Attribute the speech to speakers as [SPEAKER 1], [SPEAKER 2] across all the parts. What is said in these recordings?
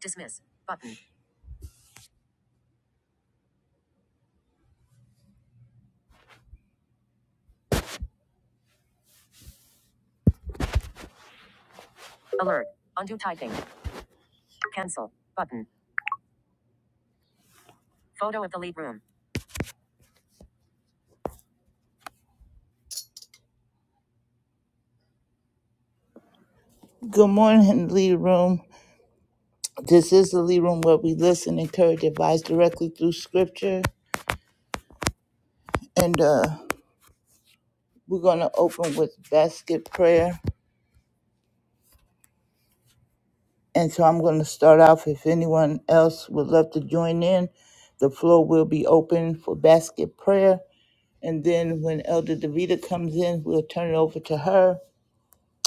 [SPEAKER 1] Dismiss. Button. Alert. Undo typing. Cancel. Button. Photo of the lead room. Good morning, lead room. This is the lead room where we listen, encourage, advise directly through scripture. And uh, we're going to open with basket prayer. And so I'm going to start off. If anyone else would love to join in, the floor will be open for basket prayer. And then when Elder Davida comes in, we'll turn it over to her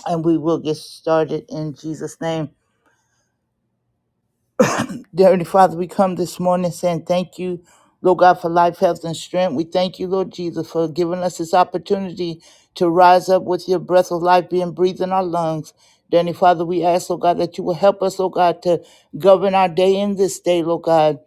[SPEAKER 1] and we will get started in Jesus' name. Dear Heavenly Father, we come this morning saying thank you, Lord God, for life, health, and strength. We thank you, Lord Jesus, for giving us this opportunity to rise up with your breath of life being breathed in our lungs. Dear Heavenly Father, we ask, Lord God, that you will help us, Lord God, to govern our day in this day, Lord God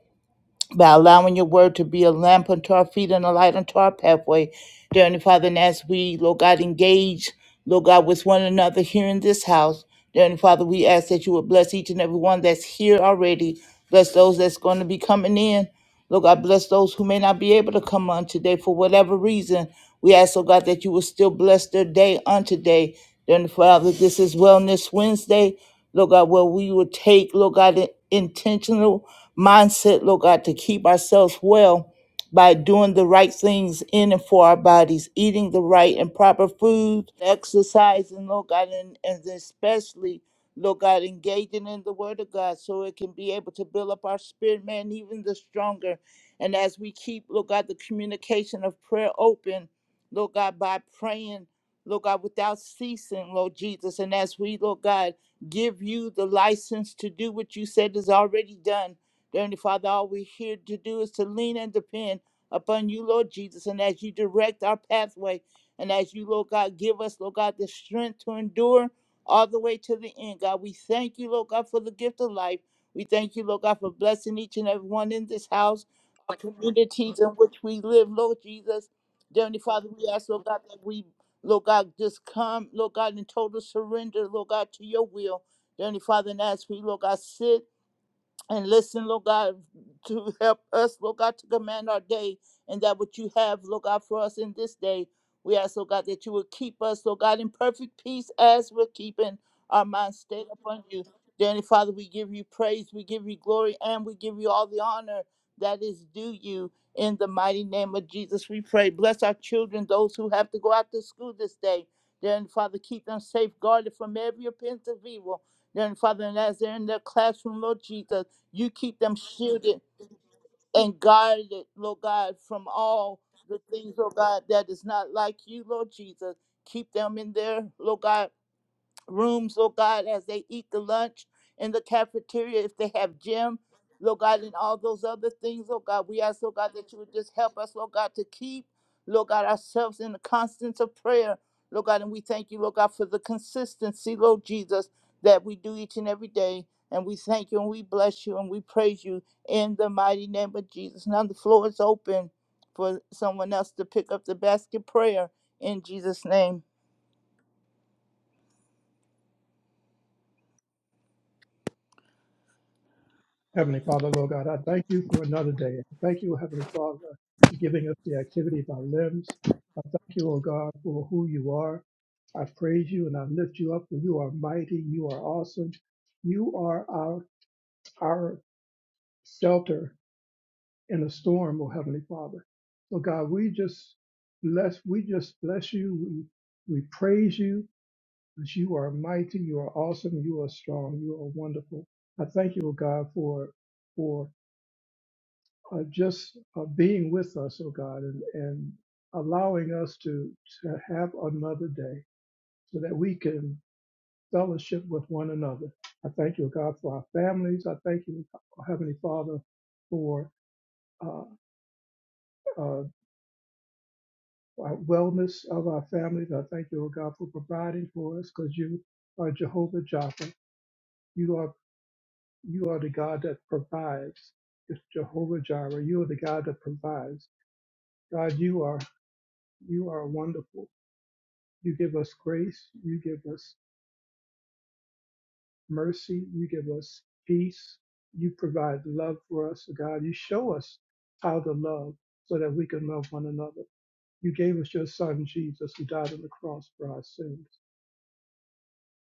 [SPEAKER 1] by allowing your word to be a lamp unto our feet and a light unto our pathway. Dear Heavenly Father, and as we, Lord God, engage, Lord God, with one another here in this house, dear Heavenly Father, we ask that you would bless each and every one that's here already. Bless those that's going to be coming in. Lord God, bless those who may not be able to come on today for whatever reason. We ask, oh God, that you will still bless their day on today. Then, Father, this is Wellness Wednesday, Lord God, where we will take, Lord God, an intentional mindset, Lord God, to keep ourselves well by doing the right things in and for our bodies, eating the right and proper food, exercising, Lord God, and, and especially Lord God, engaging in the Word of God so it can be able to build up our spirit, man, even the stronger. And as we keep, Lord God, the communication of prayer open, Lord God, by praying, Lord God, without ceasing, Lord Jesus. And as we, Lord God, give you the license to do what you said is already done, dear Heavenly Father, all we're here to do is to lean and depend upon you, Lord Jesus. And as you direct our pathway, and as you, Lord God, give us, Lord God, the strength to endure all the way to the end, God. We thank you, Lord God, for the gift of life. We thank you, Lord God, for blessing each and every one in this house, our communities in which we live, Lord Jesus. Dear Heavenly Father, we ask, Lord God, that we, Lord God, just come, Lord God, in total surrender, Lord God, to your will. Dear Heavenly Father, and as we, Lord God, sit and listen, Lord God, to help us, Lord God, to command our day and that what you have, Lord God, for us in this day. We ask, Lord God, that you will keep us, Lord God, in perfect peace as we're keeping our minds stayed upon you. Dear Heavenly Father, we give you praise, we give you glory, and we give you all the honor that is due you. In the mighty name of Jesus, we pray. Bless our children, those who have to go out to school this day. Dear Heavenly Father, keep them safeguarded from every appearance of evil. Dear Heavenly Father, and as they're in their classroom, Lord Jesus, you keep them shielded and guarded, Lord God, from all the things, Lord God, that is not like you, Lord Jesus. Keep them in there, Lord God rooms, Lord God, as they eat the lunch in the cafeteria, if they have gym, Lord God, and all those other things, Lord God. We ask, Lord God, that you would just help us, Lord God, to keep, Lord God, ourselves in the constance of prayer, Lord God. And we thank you, Lord God, for the consistency, Lord Jesus, that we do each and every day. And we thank you and we bless you and we praise you in the mighty name of Jesus. Now the floor is open for someone else to pick up the basket prayer in Jesus' name.
[SPEAKER 2] Heavenly Father, Lord God, I thank you for another day. I Thank you, Heavenly Father, for giving us the activity of our limbs. I thank you, O God, for who you are. I praise you and I lift you up, for you are mighty, you are awesome. You are our our shelter in a storm, O Heavenly Father. So God, we just bless, we just bless you. We we praise you because you are mighty, you are awesome, you are strong, you are wonderful. I thank you, O God, for for uh, just uh, being with us, oh God, and, and allowing us to, to have another day so that we can fellowship with one another. I thank you, oh God, for our families. I thank you, uh, Heavenly Father, for uh, uh, our wellness of our families. I thank you, oh God, for providing for us because you are Jehovah Jireh. You are you are the God that provides. It's Jehovah Jireh. You are the God that provides. God, you are you are wonderful. You give us grace. You give us mercy. You give us peace. You provide love for us, oh God. You show us how to love so that we can love one another. You gave us your son, Jesus, who died on the cross for our sins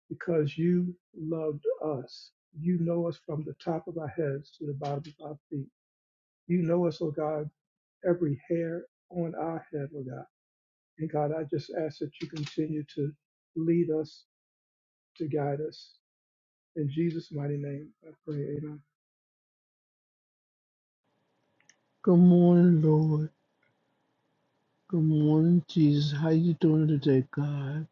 [SPEAKER 2] because you loved us. You know us from the top of our heads to the bottom of our feet. You know us, oh God, every hair on our head, oh God. And God, I just ask that you continue to lead us, to guide us, In Jesus' mighty name, I pray, amen.
[SPEAKER 3] Good morning, Lord. Good morning, Jesus. How you doing today, God?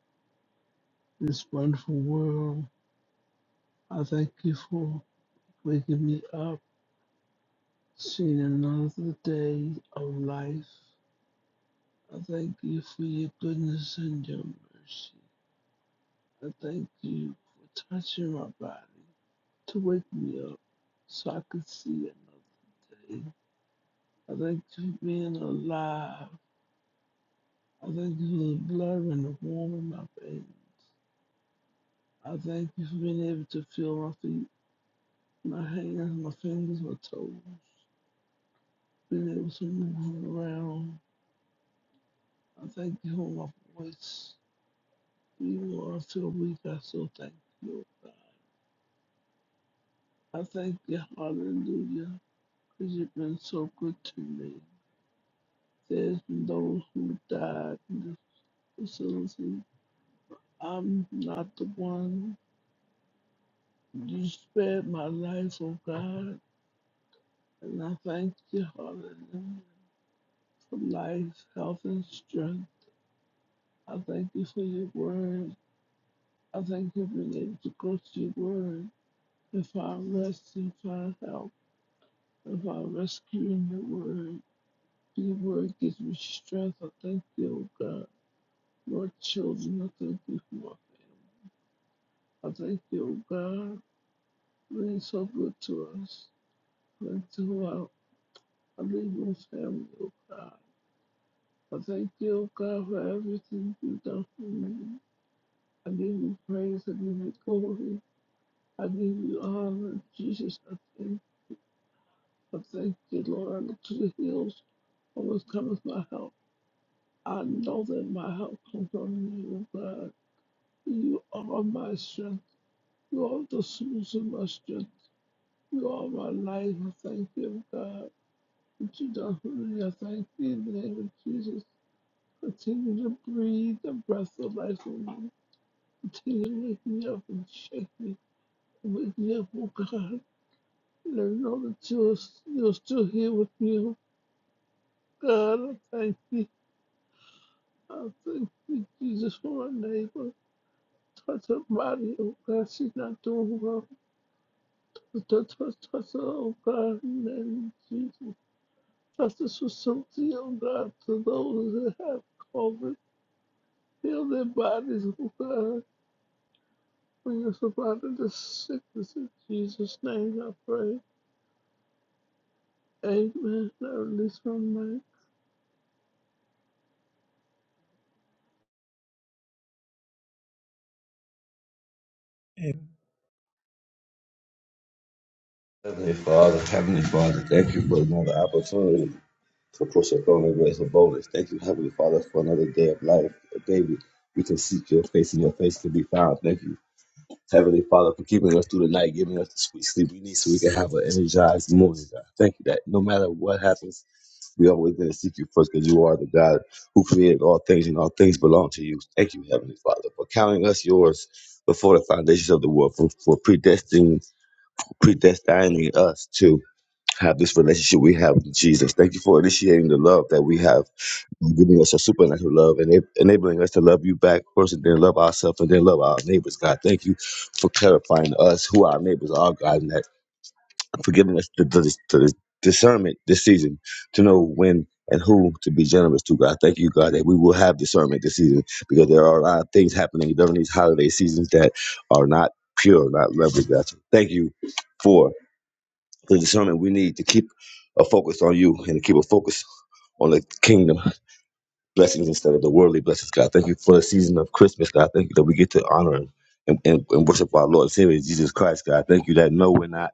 [SPEAKER 3] This wonderful world. I thank you for waking me up, seeing another day of life. I thank you for your goodness and your mercy. I thank you for touching my body to wake me up so I could see another day. I thank you for being alive. I thank you for the blood and the warmth in my veins. I thank you for being able to feel my feet, my hands, my fingers, my toes, being able to move around. I thank you for my voice. Even though I feel weak, I still thank you. I thank you, hallelujah, because you've been so good to me. There's been those who died in this facility. I'm not the one. You spared my life, oh God, and I thank you, hallelujah, for life, health, and strength. I thank you for your word. I thank you for being to go to your word. If I rest and find help, if I rescue in your word, your word gives me strength. I thank you, oh God. Lord, children, I thank you for my family. I thank you, oh God, for being so good to us. Thank you, oh I leave my family, oh God. I thank you, oh God, for everything you've done for me. I give you praise, I give you glory. I give you honor, Jesus. I thank But thank you, Lord, I look to the hills, always cometh my help. I know that my help comes from you, God. You are my strength. You are the source of my strength. You are my life. I thank you, God. What you done for me, I thank you in the name of Jesus. Continue to breathe the breath of life in me. Continue to wake me up and shake me. Wake me up, oh God. And I know that you're, you're still here with me, oh God. I thank you. I thank you, Jesus, for my neighbor. Touch her body, oh God. She's not doing well. Touch, touch, touch her, oh God. In the name of Jesus. Touch this facility, oh God, to those that have COVID. Heal their bodies, oh God. Bring us up out of sickness in Jesus' name, I pray. Amen. I release my mind.
[SPEAKER 2] Amen.
[SPEAKER 4] Heavenly Father, Heavenly Father, thank you for another opportunity to push your throne of grace and boldness. Thank you, Heavenly Father, for another day of life, a day we, we can seek your face and your face can be found. Thank you, Heavenly Father, for keeping us through the night, giving us the sweet sleep we need so we can have an energized morning. God. Thank you that no matter what happens, we always going to seek you first because you are the God who created all things and all things belong to you. Thank you, Heavenly Father, for counting us yours before the foundations of the world, for, for predestining, predestining us to have this relationship we have with Jesus. Thank you for initiating the love that we have, and giving us a supernatural love, and eb- enabling us to love you back first, and then love ourselves, and then love our neighbors. God, thank you for clarifying to us who our neighbors are, God, and that for giving us the, the, the discernment this season to know when. And who to be generous to, God. Thank you, God, that we will have discernment this season because there are a lot of things happening during these holiday seasons that are not pure, not lovely, God. So Thank you for to determine we need to keep a focus on you and to keep a focus on the kingdom blessings instead of the worldly blessings, God. Thank you for the season of Christmas, God. Thank you that we get to honor and, and, and, worship our Lord and Savior Jesus Christ, God. Thank you that no, we're not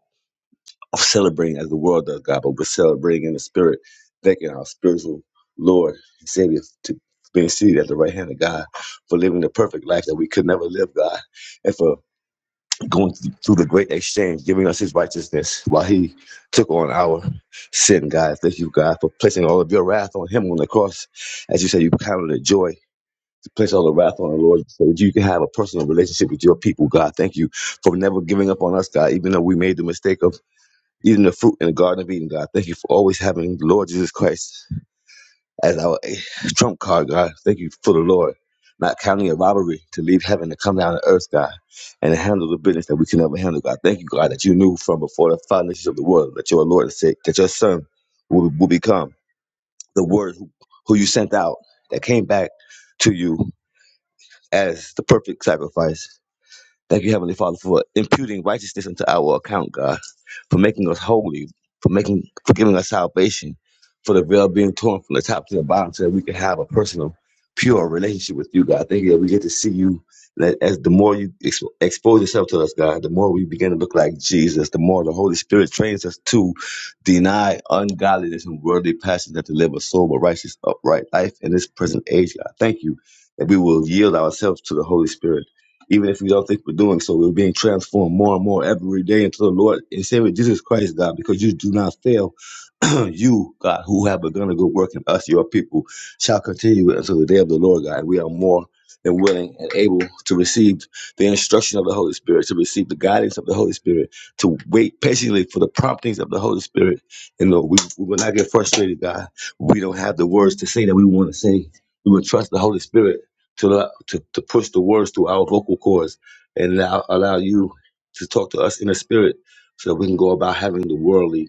[SPEAKER 4] celebrating as the world does, God, but we're celebrating in the spirit, thanking our spiritual Lord and Savior to being seated at the right hand of God, for living the perfect life that we could never live, God, and for going through the great exchange, giving us his righteousness while he took on our sin, God. Thank you, God, for placing all of your wrath on him on the cross. As you say, you counted it joy to place all the wrath on the Lord so that you can have a personal relationship with your people, God. Thank you for never giving up on us, God, even though we made the mistake of eating the fruit in the Garden of Eden, God. Thank you for always having the Lord Jesus Christ as our eh, trump card, God. Thank you for the Lord, not counting a robbery to leave heaven to come down to earth, God, and to handle the business that we can never handle, God. Thank you, God, that you knew from before the foundations of the world that your Lord is sick, that your Son will, will become the Word who, who you sent out that came back to you as the perfect sacrifice. Thank you, Heavenly Father, for imputing righteousness into our account, God, for making us holy, for making for giving us salvation, for the veil being torn from the top to the bottom so that we can have a personal, pure relationship with you, God. Thank you that we get to see you. That as the more you ex- expose yourself to us, God, the more we begin to look like Jesus, the more the Holy Spirit trains us to deny ungodliness and worldly passions that to live a sober, righteous, upright life in this present age, God. Thank you that we will yield ourselves to the Holy Spirit even if we don't think we're doing so. We're being transformed more and more every day into the Lord and Savior Jesus Christ, God, because you do not fail. you, God, who have begun a good work in us, your people, shall continue it until the day of the Lord, God. We are more than willing and able to receive the instruction of the Holy Spirit, to receive the guidance of the Holy Spirit, to wait patiently for the promptings of the Holy Spirit. And Lord, we, we will not get frustrated, God. We don't have the words to say that we want to say. We will trust the Holy Spirit to, to, to push the words through our vocal cords and allow, allow you to talk to us in the spirit so that we can go about having the worldly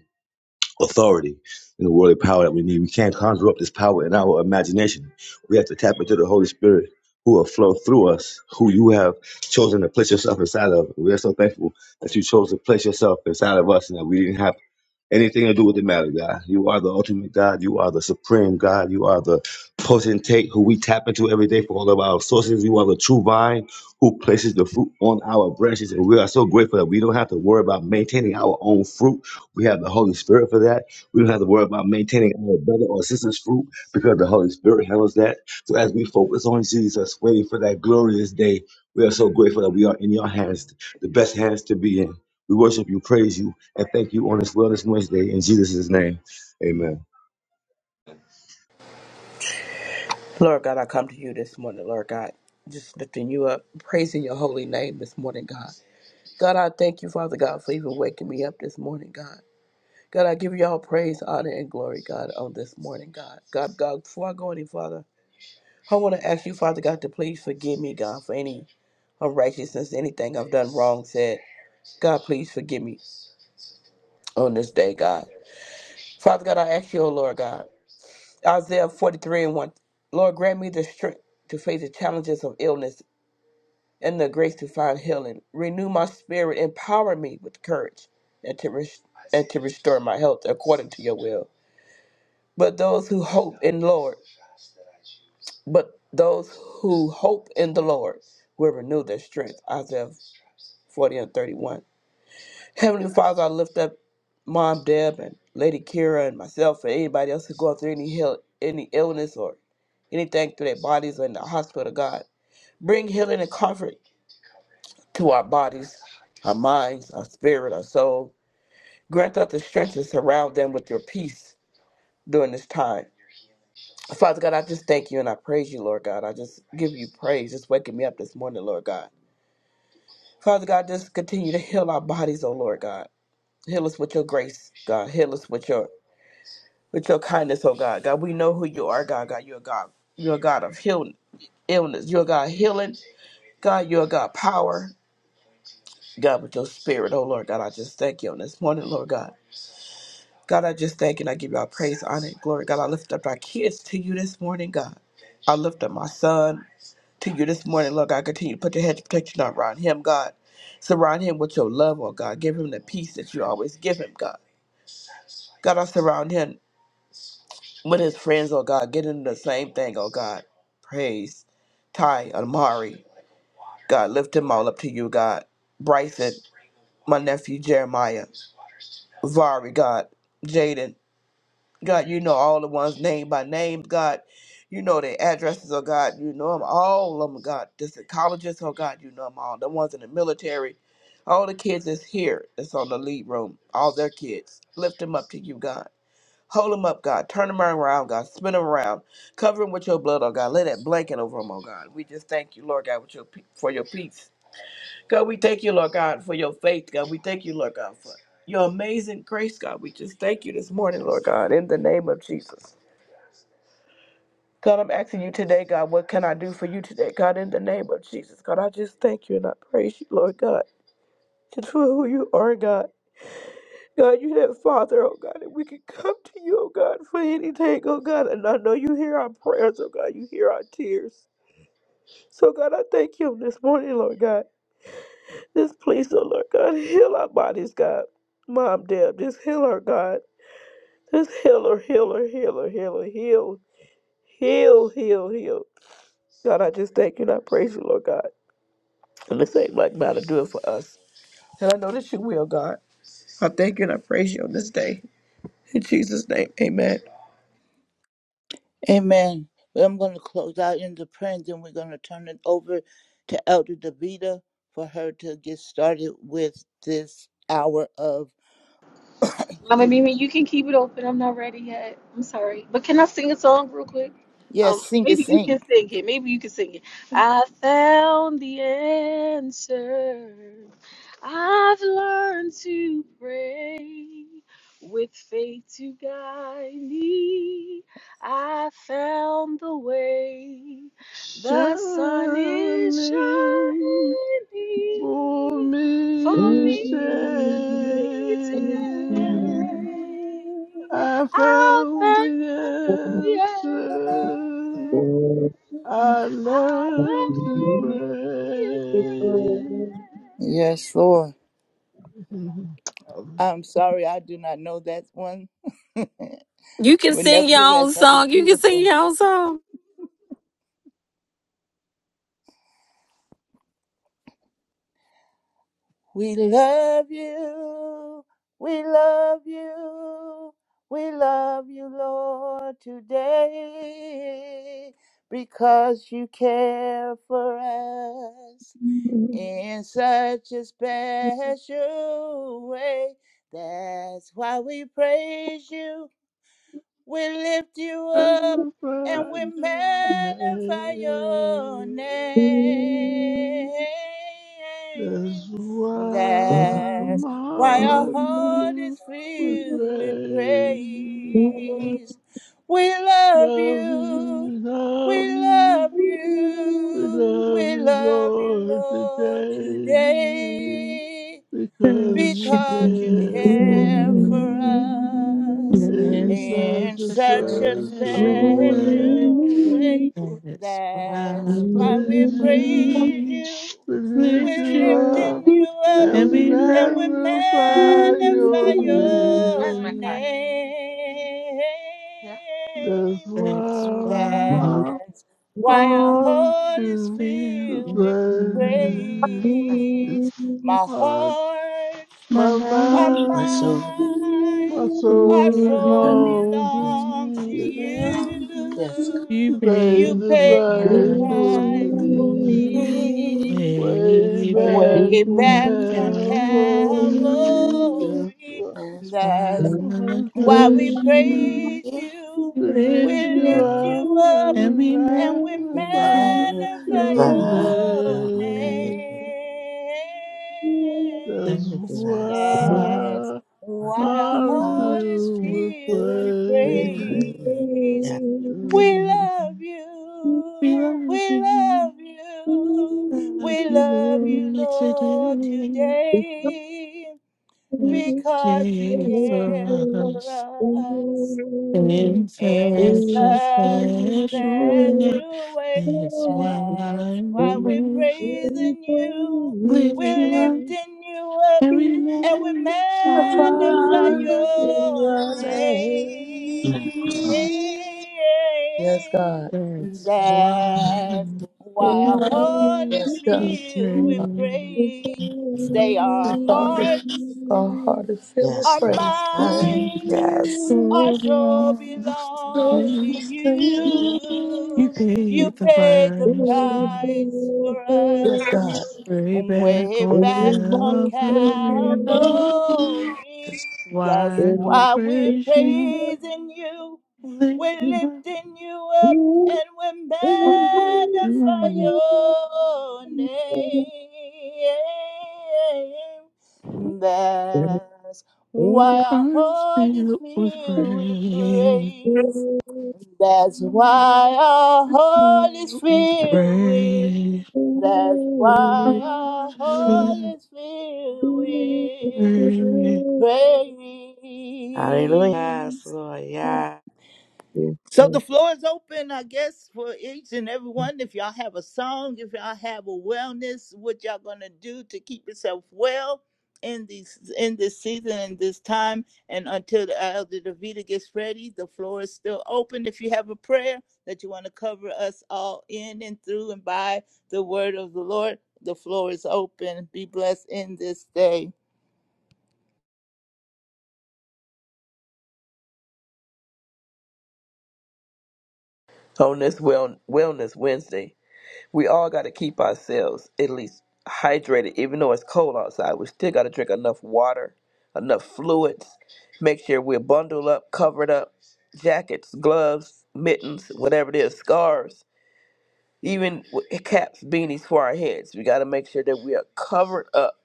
[SPEAKER 4] authority in the world of power that we need. We can't conjure up this power in our imagination. We have to tap into the Holy Spirit who will flow through us, who you have chosen to place yourself inside of. We are so thankful that you chose to place yourself inside of us and that we didn't have anything to do with the matter, God. You are the ultimate God. You are the supreme God. You are the potentate who we tap into every day for all of our sources. You are the true vine who places the fruit on our branches. And we are so grateful that we don't have to worry about maintaining our own fruit. We have the Holy Spirit for that. We don't have to worry about maintaining our brother or sister's fruit because the Holy Spirit handles that. So as we focus on Jesus, waiting for that glorious day, we are so grateful that we are in your hands, the best hands to be in. We worship you, praise you, and thank you on this Wellness Wednesday in Jesus' name. Amen.
[SPEAKER 5] Lord God, I come to you this morning, Lord God, just lifting you up, praising your holy name this morning, God. God, I thank you, Father God, for even waking me up this morning, God. God, I give you all praise, honor, and glory, God, on this morning, God. God, God, before I go any further, I want to ask you, Father God, to please forgive me, God, for any unrighteousness, anything I've done wrong, said. God, please forgive me on this day, God. Father God, I ask you, oh Lord God, Isaiah 43 and 1, Lord, grant me the strength to face the challenges of illness and the grace to find healing. Renew my spirit, empower me with courage, and to res- and to restore my health according to your will. But those who hope in Lord, but those who hope in the Lord will renew their strength. Isaiah 40 and 31. Heavenly Father, I lift up Mom Deb and Lady Kira and myself and anybody else who's going through any health, any illness or anything through their bodies or in the hospital, God. Bring healing and comfort to our bodies, our minds, our spirit, our soul. Grant us the strength to surround them with your peace during this time. Father God, I just thank you and I praise you, Lord God. I just give you praise. Just waking me up this morning, Lord God. Father God, just continue to heal our bodies, oh Lord God. Heal us with your grace, God. Heal us with your with your kindness, oh God. God, we know who you are, God. God, you're a God. You're a God of healing illness. You're a God of healing. God, you're a God of power. God, with your spirit, oh Lord God, I just thank you on this morning, Lord God. God, I just thank and I give y'all praise, honor, and glory. God, I lift up our kids to you this morning, God. I lift up my son to you this morning, Lord God. Continue to put your hedge of protection around him, God. Surround him with your love, oh God. Give him the peace that you always give him, God. God, I surround him with his friends, oh God. Get him the same thing, oh God. Praise. Ty, Amari, God, lift them all up to you, God. Bryson, my nephew Jeremiah, Vari, God, Jaden. God, you know all the ones name by name. God, you know their addresses. Oh God, you know them all. Of them, God, the psychologists. Oh God, you know them all. The ones in the military, all the kids that's here, that's on the lead room, all their kids. Lift them up to you, God. Hold them up, God. Turn them around, God. Spin them around. Cover them with your blood, oh God. Lay that blanket over them, oh God. We just thank you, Lord God, with your pe- for your peace God, we thank you, Lord God, for your faith, God. We thank you, Lord God, for your amazing grace, God. We just thank you this morning, Lord God, in the name of Jesus. God, I'm asking you today, God, what can I do for you today, God, in the name of Jesus? God, I just thank you and I praise you, Lord God, just for who you are, God. God, you that Father, oh God, and we can come to you, oh God, for anything, oh God. And I know you hear our prayers, oh God, you hear our tears. So, God, I thank you this morning, Lord God. Just please, oh Lord God, heal our bodies, God. Mom, Deb, just heal her, God. Just heal her, heal her, heal her, heal her, heal, heal, heal, heal. God, I just thank you and I praise you, Lord God. And this ain't like about to do it for us. And I know that you will, God. I thank you and I praise you on this day. In Jesus' name, amen.
[SPEAKER 1] Amen. Well, I'm going to close out in the prayer, and then we're going to turn it over to Elder Davida for her to get started with this hour of excuse. Yes, sing it, sing.
[SPEAKER 3] Shining. for me
[SPEAKER 6] Thank
[SPEAKER 3] say I found the answer I learned to pray
[SPEAKER 1] Yes, Lord. I'm sorry I do not know that one, but nevertheless, that was beautiful. We love you. We love you. We love you, Lord, today because you care for us in such a special way. That's why we praise you. We lift you up and
[SPEAKER 3] magnify
[SPEAKER 1] we
[SPEAKER 3] your
[SPEAKER 1] magnify your
[SPEAKER 3] name
[SPEAKER 1] name.
[SPEAKER 3] that's why
[SPEAKER 1] That's
[SPEAKER 3] my
[SPEAKER 1] why our
[SPEAKER 3] heart
[SPEAKER 1] heart is
[SPEAKER 3] filled with
[SPEAKER 1] filled with
[SPEAKER 3] praise
[SPEAKER 1] praise. We love
[SPEAKER 3] Love
[SPEAKER 1] you.
[SPEAKER 3] you, love
[SPEAKER 1] We
[SPEAKER 3] you.
[SPEAKER 1] love
[SPEAKER 3] We
[SPEAKER 1] you.
[SPEAKER 3] love
[SPEAKER 1] We
[SPEAKER 3] you,
[SPEAKER 1] love you,
[SPEAKER 3] Lord,
[SPEAKER 1] Lord,
[SPEAKER 3] today
[SPEAKER 1] today
[SPEAKER 3] because
[SPEAKER 7] Worship
[SPEAKER 3] you
[SPEAKER 1] because you
[SPEAKER 7] you,
[SPEAKER 3] care for
[SPEAKER 1] care
[SPEAKER 7] Lord.
[SPEAKER 1] for
[SPEAKER 3] me
[SPEAKER 1] us
[SPEAKER 3] in
[SPEAKER 7] There's
[SPEAKER 3] such
[SPEAKER 1] in
[SPEAKER 7] such
[SPEAKER 3] a
[SPEAKER 1] such a
[SPEAKER 7] a it
[SPEAKER 3] special way.
[SPEAKER 7] way.
[SPEAKER 1] special way.
[SPEAKER 7] That's
[SPEAKER 1] That's
[SPEAKER 7] why
[SPEAKER 1] why we
[SPEAKER 7] we
[SPEAKER 3] Praise
[SPEAKER 7] praise
[SPEAKER 1] praise
[SPEAKER 3] you,
[SPEAKER 7] you,
[SPEAKER 1] you.
[SPEAKER 3] we lift
[SPEAKER 1] We're
[SPEAKER 7] lift
[SPEAKER 3] you
[SPEAKER 7] you up,
[SPEAKER 3] up,
[SPEAKER 1] lifting you up
[SPEAKER 3] and
[SPEAKER 7] and
[SPEAKER 3] we
[SPEAKER 7] we
[SPEAKER 1] and we
[SPEAKER 7] magnify
[SPEAKER 3] magnify
[SPEAKER 1] magnify
[SPEAKER 3] your
[SPEAKER 7] your
[SPEAKER 3] name.
[SPEAKER 7] name.
[SPEAKER 3] Where's
[SPEAKER 1] your
[SPEAKER 3] my card?
[SPEAKER 1] name.
[SPEAKER 3] Yeah. That's
[SPEAKER 7] That's
[SPEAKER 3] why
[SPEAKER 7] why
[SPEAKER 3] my
[SPEAKER 1] That's why
[SPEAKER 6] you.
[SPEAKER 1] our
[SPEAKER 3] all
[SPEAKER 1] heart is
[SPEAKER 7] it's
[SPEAKER 3] the
[SPEAKER 7] filled
[SPEAKER 1] filled
[SPEAKER 7] with
[SPEAKER 1] with
[SPEAKER 7] you.
[SPEAKER 3] praise. Thank you.
[SPEAKER 1] praise.
[SPEAKER 6] Thank
[SPEAKER 1] My
[SPEAKER 3] My,
[SPEAKER 1] heart
[SPEAKER 7] My
[SPEAKER 3] my
[SPEAKER 1] and
[SPEAKER 7] mind
[SPEAKER 8] My
[SPEAKER 3] mind,
[SPEAKER 8] soul is
[SPEAKER 3] my
[SPEAKER 1] mind,
[SPEAKER 3] soul
[SPEAKER 1] our
[SPEAKER 7] so
[SPEAKER 8] my
[SPEAKER 1] soul
[SPEAKER 8] crown.
[SPEAKER 3] belongs to
[SPEAKER 8] To
[SPEAKER 7] belongs to
[SPEAKER 1] belongs to
[SPEAKER 3] you.
[SPEAKER 7] you.
[SPEAKER 8] you, Yes,
[SPEAKER 7] You
[SPEAKER 3] You
[SPEAKER 1] you.
[SPEAKER 3] paid
[SPEAKER 1] You
[SPEAKER 7] paid
[SPEAKER 3] the
[SPEAKER 7] the
[SPEAKER 1] paid the
[SPEAKER 3] price
[SPEAKER 8] come
[SPEAKER 7] price
[SPEAKER 8] for
[SPEAKER 3] for
[SPEAKER 7] for
[SPEAKER 1] price for
[SPEAKER 7] me
[SPEAKER 3] me.
[SPEAKER 8] me.
[SPEAKER 1] me.
[SPEAKER 3] Way
[SPEAKER 7] way back
[SPEAKER 3] back
[SPEAKER 1] Way
[SPEAKER 3] from
[SPEAKER 1] back
[SPEAKER 7] on
[SPEAKER 1] on
[SPEAKER 3] Calvary,
[SPEAKER 7] Calvary.
[SPEAKER 3] that's
[SPEAKER 1] Calvary,
[SPEAKER 3] why
[SPEAKER 7] That's
[SPEAKER 8] Yes,
[SPEAKER 7] why
[SPEAKER 1] that's
[SPEAKER 3] I
[SPEAKER 7] I
[SPEAKER 1] while we
[SPEAKER 3] praise
[SPEAKER 7] praise you.
[SPEAKER 3] you.
[SPEAKER 1] praise
[SPEAKER 8] you
[SPEAKER 1] you,
[SPEAKER 7] You
[SPEAKER 3] We
[SPEAKER 1] we
[SPEAKER 3] lift
[SPEAKER 7] lift you
[SPEAKER 3] you
[SPEAKER 1] lift
[SPEAKER 7] up
[SPEAKER 3] up
[SPEAKER 1] you
[SPEAKER 3] and
[SPEAKER 1] up
[SPEAKER 7] and
[SPEAKER 3] we
[SPEAKER 7] we
[SPEAKER 1] and we
[SPEAKER 8] will
[SPEAKER 7] magnify
[SPEAKER 3] magnify
[SPEAKER 7] your
[SPEAKER 1] magnify
[SPEAKER 3] your
[SPEAKER 8] magnify
[SPEAKER 7] name.
[SPEAKER 1] your
[SPEAKER 8] your name.
[SPEAKER 3] name.
[SPEAKER 1] name.
[SPEAKER 3] That's
[SPEAKER 7] That's
[SPEAKER 8] Yes,
[SPEAKER 7] why
[SPEAKER 1] That's
[SPEAKER 3] why
[SPEAKER 1] why
[SPEAKER 7] our
[SPEAKER 1] our
[SPEAKER 3] I
[SPEAKER 8] I
[SPEAKER 1] heart
[SPEAKER 7] heart
[SPEAKER 1] is
[SPEAKER 7] is filled with
[SPEAKER 3] feel
[SPEAKER 1] filled
[SPEAKER 8] feel
[SPEAKER 1] with
[SPEAKER 3] afraid.
[SPEAKER 8] with
[SPEAKER 7] praise.
[SPEAKER 3] praise.
[SPEAKER 8] praise.
[SPEAKER 1] praise.
[SPEAKER 8] Yes,
[SPEAKER 1] We
[SPEAKER 3] Um,
[SPEAKER 1] love
[SPEAKER 7] We
[SPEAKER 1] you,
[SPEAKER 7] love
[SPEAKER 1] we
[SPEAKER 7] you,
[SPEAKER 1] love you,
[SPEAKER 7] love
[SPEAKER 1] we love
[SPEAKER 7] you,
[SPEAKER 1] you,
[SPEAKER 7] Lord,
[SPEAKER 1] Lord,
[SPEAKER 7] today.
[SPEAKER 6] you.
[SPEAKER 1] today
[SPEAKER 6] Thank you.
[SPEAKER 7] there's a
[SPEAKER 1] because you
[SPEAKER 7] day
[SPEAKER 1] care
[SPEAKER 7] for
[SPEAKER 1] for
[SPEAKER 7] us.
[SPEAKER 1] us
[SPEAKER 7] In
[SPEAKER 1] in such
[SPEAKER 7] such a
[SPEAKER 1] a
[SPEAKER 7] special way,
[SPEAKER 1] special way.
[SPEAKER 7] that's why I
[SPEAKER 1] That's why we're
[SPEAKER 7] wish
[SPEAKER 1] praising you,
[SPEAKER 7] lift
[SPEAKER 1] we're
[SPEAKER 7] you up
[SPEAKER 1] lifting you up,
[SPEAKER 7] every
[SPEAKER 1] and we
[SPEAKER 7] man
[SPEAKER 1] magnify
[SPEAKER 5] Father,
[SPEAKER 7] time.
[SPEAKER 5] in
[SPEAKER 1] your
[SPEAKER 5] your
[SPEAKER 1] name.
[SPEAKER 5] name. Yes, God.
[SPEAKER 7] That's why I
[SPEAKER 1] That's why our
[SPEAKER 7] am
[SPEAKER 1] heart
[SPEAKER 7] feel
[SPEAKER 1] is
[SPEAKER 5] Yes, God.
[SPEAKER 7] with
[SPEAKER 1] filled with
[SPEAKER 7] rain
[SPEAKER 1] praise. Stay our
[SPEAKER 5] Our heart is,
[SPEAKER 1] hearts.
[SPEAKER 5] our heart is filled with
[SPEAKER 8] yes,
[SPEAKER 1] Our
[SPEAKER 5] praise.
[SPEAKER 8] Lord.
[SPEAKER 1] mind,
[SPEAKER 8] Yes.
[SPEAKER 1] our
[SPEAKER 7] so
[SPEAKER 1] soul
[SPEAKER 7] belongs to
[SPEAKER 1] belongs to
[SPEAKER 7] you. You
[SPEAKER 1] you. You
[SPEAKER 7] paid the
[SPEAKER 1] paid the
[SPEAKER 7] price for me.
[SPEAKER 1] price for
[SPEAKER 5] Yes,
[SPEAKER 1] us
[SPEAKER 5] God.
[SPEAKER 7] way back
[SPEAKER 1] way
[SPEAKER 7] on
[SPEAKER 1] back on
[SPEAKER 7] Calvary.
[SPEAKER 1] Calvary. That's
[SPEAKER 7] Why we
[SPEAKER 6] And
[SPEAKER 1] why we're
[SPEAKER 6] if
[SPEAKER 7] praise
[SPEAKER 6] you say
[SPEAKER 7] you?
[SPEAKER 1] praising you.
[SPEAKER 7] lift
[SPEAKER 1] We're
[SPEAKER 7] you
[SPEAKER 6] you
[SPEAKER 7] up.
[SPEAKER 1] lifting you up
[SPEAKER 6] do,
[SPEAKER 1] and we
[SPEAKER 6] and you do,
[SPEAKER 1] magnify
[SPEAKER 6] oh,
[SPEAKER 7] Heart
[SPEAKER 6] oh,
[SPEAKER 1] your
[SPEAKER 6] oh,
[SPEAKER 1] name.
[SPEAKER 6] and
[SPEAKER 1] That's why
[SPEAKER 6] all
[SPEAKER 1] our heart is
[SPEAKER 7] still was
[SPEAKER 1] filled with
[SPEAKER 7] brave.
[SPEAKER 1] praise. That's why our
[SPEAKER 7] It
[SPEAKER 1] heart is
[SPEAKER 7] still was
[SPEAKER 1] filled with.
[SPEAKER 7] brave.
[SPEAKER 1] That's why
[SPEAKER 7] Heart
[SPEAKER 1] our
[SPEAKER 7] is
[SPEAKER 1] heart
[SPEAKER 7] still
[SPEAKER 1] is filled
[SPEAKER 6] the
[SPEAKER 1] with
[SPEAKER 7] brave.
[SPEAKER 6] praise
[SPEAKER 8] Hallelujah.
[SPEAKER 1] praise.
[SPEAKER 8] Yes, Lord. Yes.
[SPEAKER 6] is
[SPEAKER 1] So the
[SPEAKER 6] yours.
[SPEAKER 1] floor is open, I guess, for each and every one. If y'all have a song, if y'all have a wellness, what y'all gonna do to keep yourself well in these in this season and this time, and until the Elder Davida gets ready, the floor is still open. If you have a prayer that you want to cover us all in and through and by the word of the Lord, the floor is open. Be blessed in this day.
[SPEAKER 5] on this well, Wellness Wednesday, we all got to keep ourselves at least hydrated. Even though it's cold outside, we still got to drink enough water, enough fluids. Make sure we're bundled up, covered up, jackets, gloves, mittens, whatever it is, scarves, even w- caps, beanies for our heads. We got to make sure that we are covered up,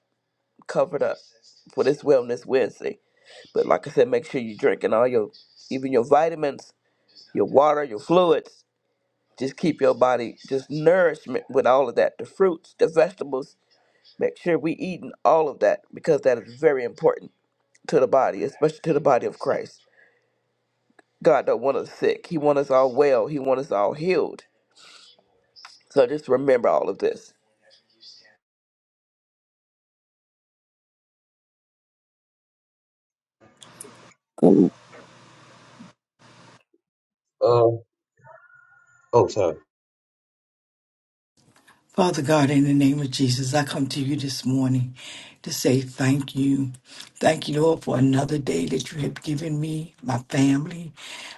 [SPEAKER 5] covered up for this Wellness Wednesday. But like I said, make sure you're drinking all your, even your vitamins, your water, your fluids just keep your body just nourishment with all of that. The fruits, the vegetables, make sure we eating all of that because that is very important to the body, especially to the body of Christ. God don't want us sick. He want us all well. He want us all healed. So just remember all of this.
[SPEAKER 9] Good
[SPEAKER 4] Uh, oh, sorry.
[SPEAKER 10] Father God, in the name of Jesus, I come to you this morning to say thank you. Thank you, Lord, for another day that you have given me, my family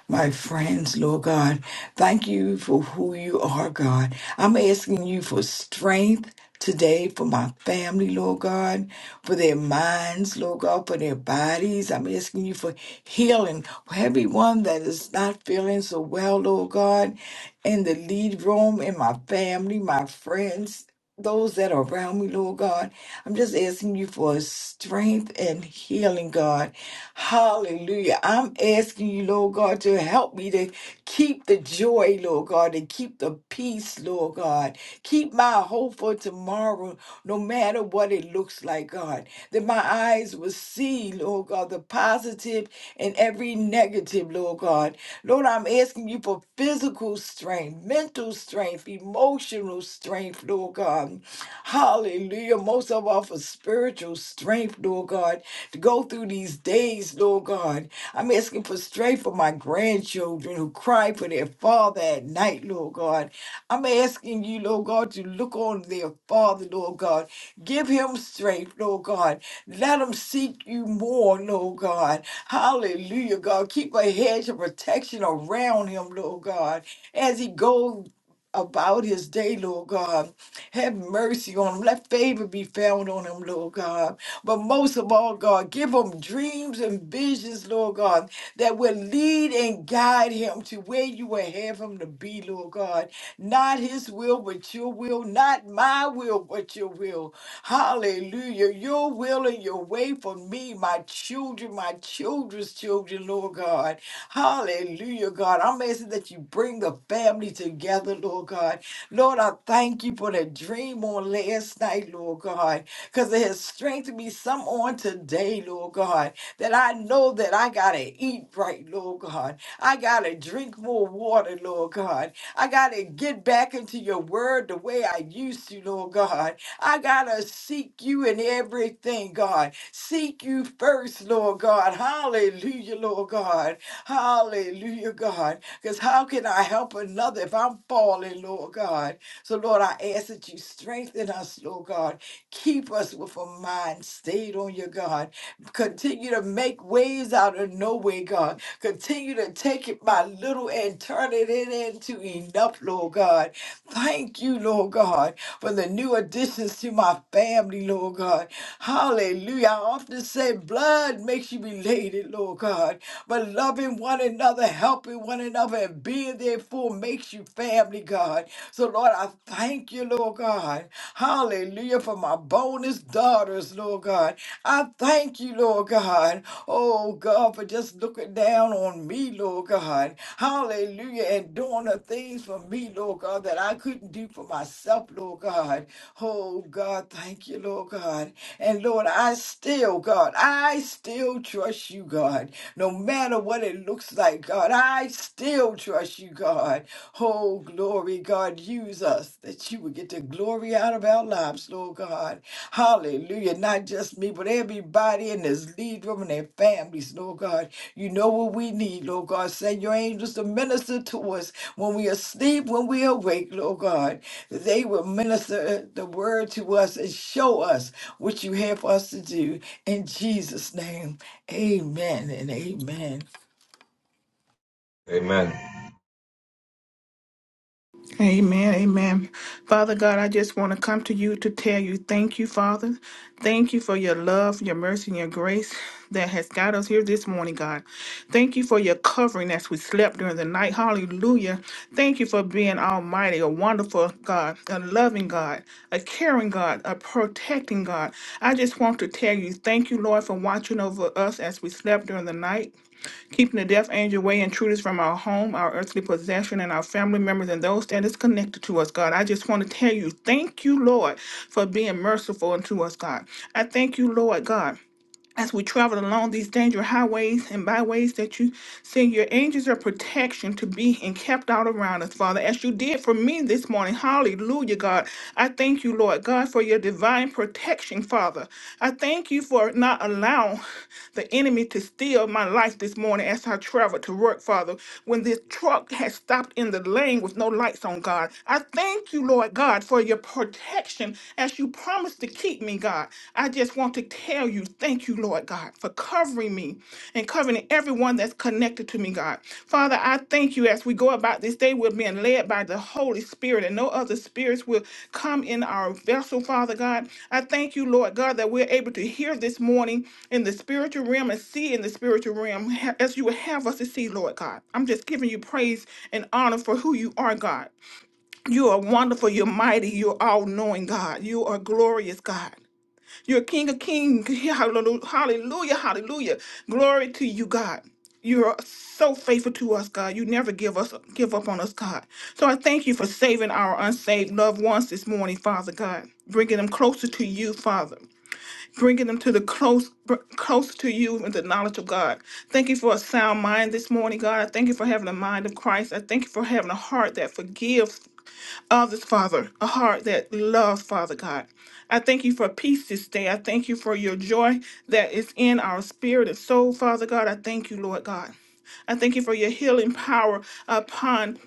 [SPEAKER 10] my friends, Lord God. Thank you for who you are, God. I'm asking you for strength today for my family, Lord God, for their minds, Lord God, for their bodies. I'm asking you for healing for everyone that is not feeling so well, Lord God, in the lead room, in my family, my friends those that are around me, Lord God. I'm just asking you for strength and healing, God. Hallelujah. I'm asking you, Lord God, to help me to keep the joy, Lord God, and keep the peace, Lord God. Keep my hope for tomorrow, no matter what it looks like, God. That my eyes will see, Lord God, the positive and every negative, Lord God. Lord, I'm asking you for physical strength, mental strength, emotional strength, Lord God. Hallelujah. Most of all for spiritual strength, Lord God, to go through these days, Lord God. I'm asking for strength for my grandchildren who cry for their father at night, Lord God. I'm asking you, Lord God, to look on their father, Lord God. Give him strength, Lord God. Let him seek you more, Lord God. Hallelujah, God. Keep a hedge of protection around him, Lord God, as he goes about his day, Lord God. Have mercy on him. Let favor be found on him, Lord God. But most of all, God, give him dreams and visions, Lord God, that will lead and guide him to where you will have him to be, Lord God. Not his will, but your will. Not my will, but your will. Hallelujah. Your will and your way for me, my children, my children's children, Lord God. Hallelujah, God. I'm asking that you bring the family together, Lord God. Lord, I thank you for the dream on last night, Lord God, because it has strengthened me some on today, Lord God, that I know that I got to eat right, Lord God. I got to drink more water, Lord God. I got to get back into your word the way I used to, Lord God. I gotta seek you in everything, God. Seek you first, Lord God. Hallelujah, Lord God. Hallelujah, God. Because how can I help another if I'm falling, Lord God? So, Lord, I ask that you strengthen us, Lord God. Keep us with a mind stayed on you, God. Continue to make ways out of no way, God. Continue to take it by little and turn it in- into enough, Lord God. Thank you, Lord God for the new additions to my family, Lord God. Hallelujah. I often say blood makes you related, Lord God. But loving one another, helping one another, and being there for makes you family, God. So, Lord, I thank you, Lord God. Hallelujah for my bonus daughters, Lord God. I thank you, Lord God. Oh, God, for just looking down on me, Lord God. Hallelujah. And doing the things for me, Lord God, that I couldn't do for myself myself, Lord God. Oh, God, thank you, Lord God. And Lord, I still, God, I still trust you, God. No matter what it looks like, God, I still trust you, God. Oh, glory, God, use us that you would get the glory out of our lives, Lord God. Hallelujah. Not just me, but everybody in this lead room and their families, Lord God. You know what we need, Lord God. Send your angels to minister to us when we are asleep, when we are awake, Lord God. They will minister the word to us and show us what you have for us to do. In Jesus' name, amen and amen.
[SPEAKER 11] Amen, amen. Father God, I just want to come to you to tell you thank you, Father. Thank you for your love, your mercy, and your grace that has got us here this morning, God. Thank you for your covering as we slept during the night. Hallelujah. Thank you for being almighty, a wonderful God, a loving God, a caring God, a protecting God. I just want to tell you thank you, Lord, for watching over us as we slept during the night keeping the death angel away intruders from our home, our earthly possession, and our family members and those that is connected to us, God. I just want to tell you, thank you, Lord, for being merciful unto us, God. I thank you, Lord God as we travel along these dangerous highways and byways that you send your angels of protection to be encamped all around us, Father, as you did for me this morning. Hallelujah, God. I thank you, Lord God, for your divine protection, Father. I thank you for not allowing the enemy to steal my life this morning as I traveled to work, Father. When this truck had stopped in the lane with no lights on, God, I thank you, Lord God, for your protection as. you as you promised to keep me, God, I just want to tell you, thank you, Lord God, for covering me and covering everyone that's connected to me, God. Father, I thank you as we go about this day, we're being led by the Holy Spirit, and no other spirits will come in our vessel, Father God. I thank you, Lord God, that we're able to hear this morning in the spiritual realm and see in the spiritual realm ha- as you would have us to see, Lord God. I'm just giving you praise and honor for who you are, God. You are wonderful. You're mighty. You're all knowing, God. You are glorious, God. You're King of kings. Hallelujah. Hallelujah. Hallelujah. Glory to you, God. You are so faithful to us, God. You never give us give up on us, God. So I thank you for saving our unsaved loved ones this morning, Father God. Bringing them closer to you, Father. Bringing them to the close, br- close to you and the knowledge of God. Thank you for a sound mind this morning, God. I thank you for having a mind of Christ. I thank you for having a heart that forgives of this Father, a heart that loves Father God. I thank you for peace this day. I thank you for your joy that is in our spirit and soul, Father God. I thank you, Lord God. I thank you for your healing power upon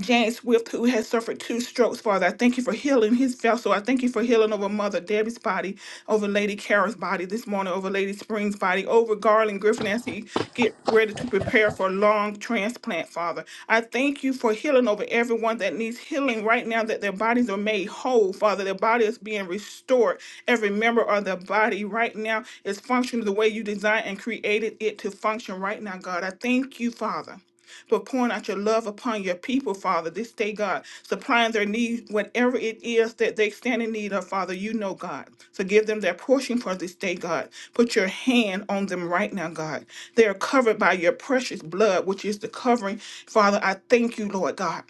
[SPEAKER 11] Jan Swift, who has suffered two strokes, Father. I thank you for healing his vessel. I thank you for healing over Mother Debbie's body, over Lady Kara's body this morning, over Lady Spring's body, over Garland Griffin as he get ready to prepare for a long transplant, Father. I thank you for healing over everyone that needs healing right now, that their bodies are made whole, Father. Their body is being restored. Every member of their body right now is functioning the way you designed and created it to function right now, God. I thank you, Father for pouring out your love upon your people, Father, this day, God, supplying their need, whatever it is that they stand in need of, Father, you know, God. So give them their portion for this day, God. Put your hand on them right now, God. They are covered by your precious blood, which is the covering. Father, I thank you, Lord God.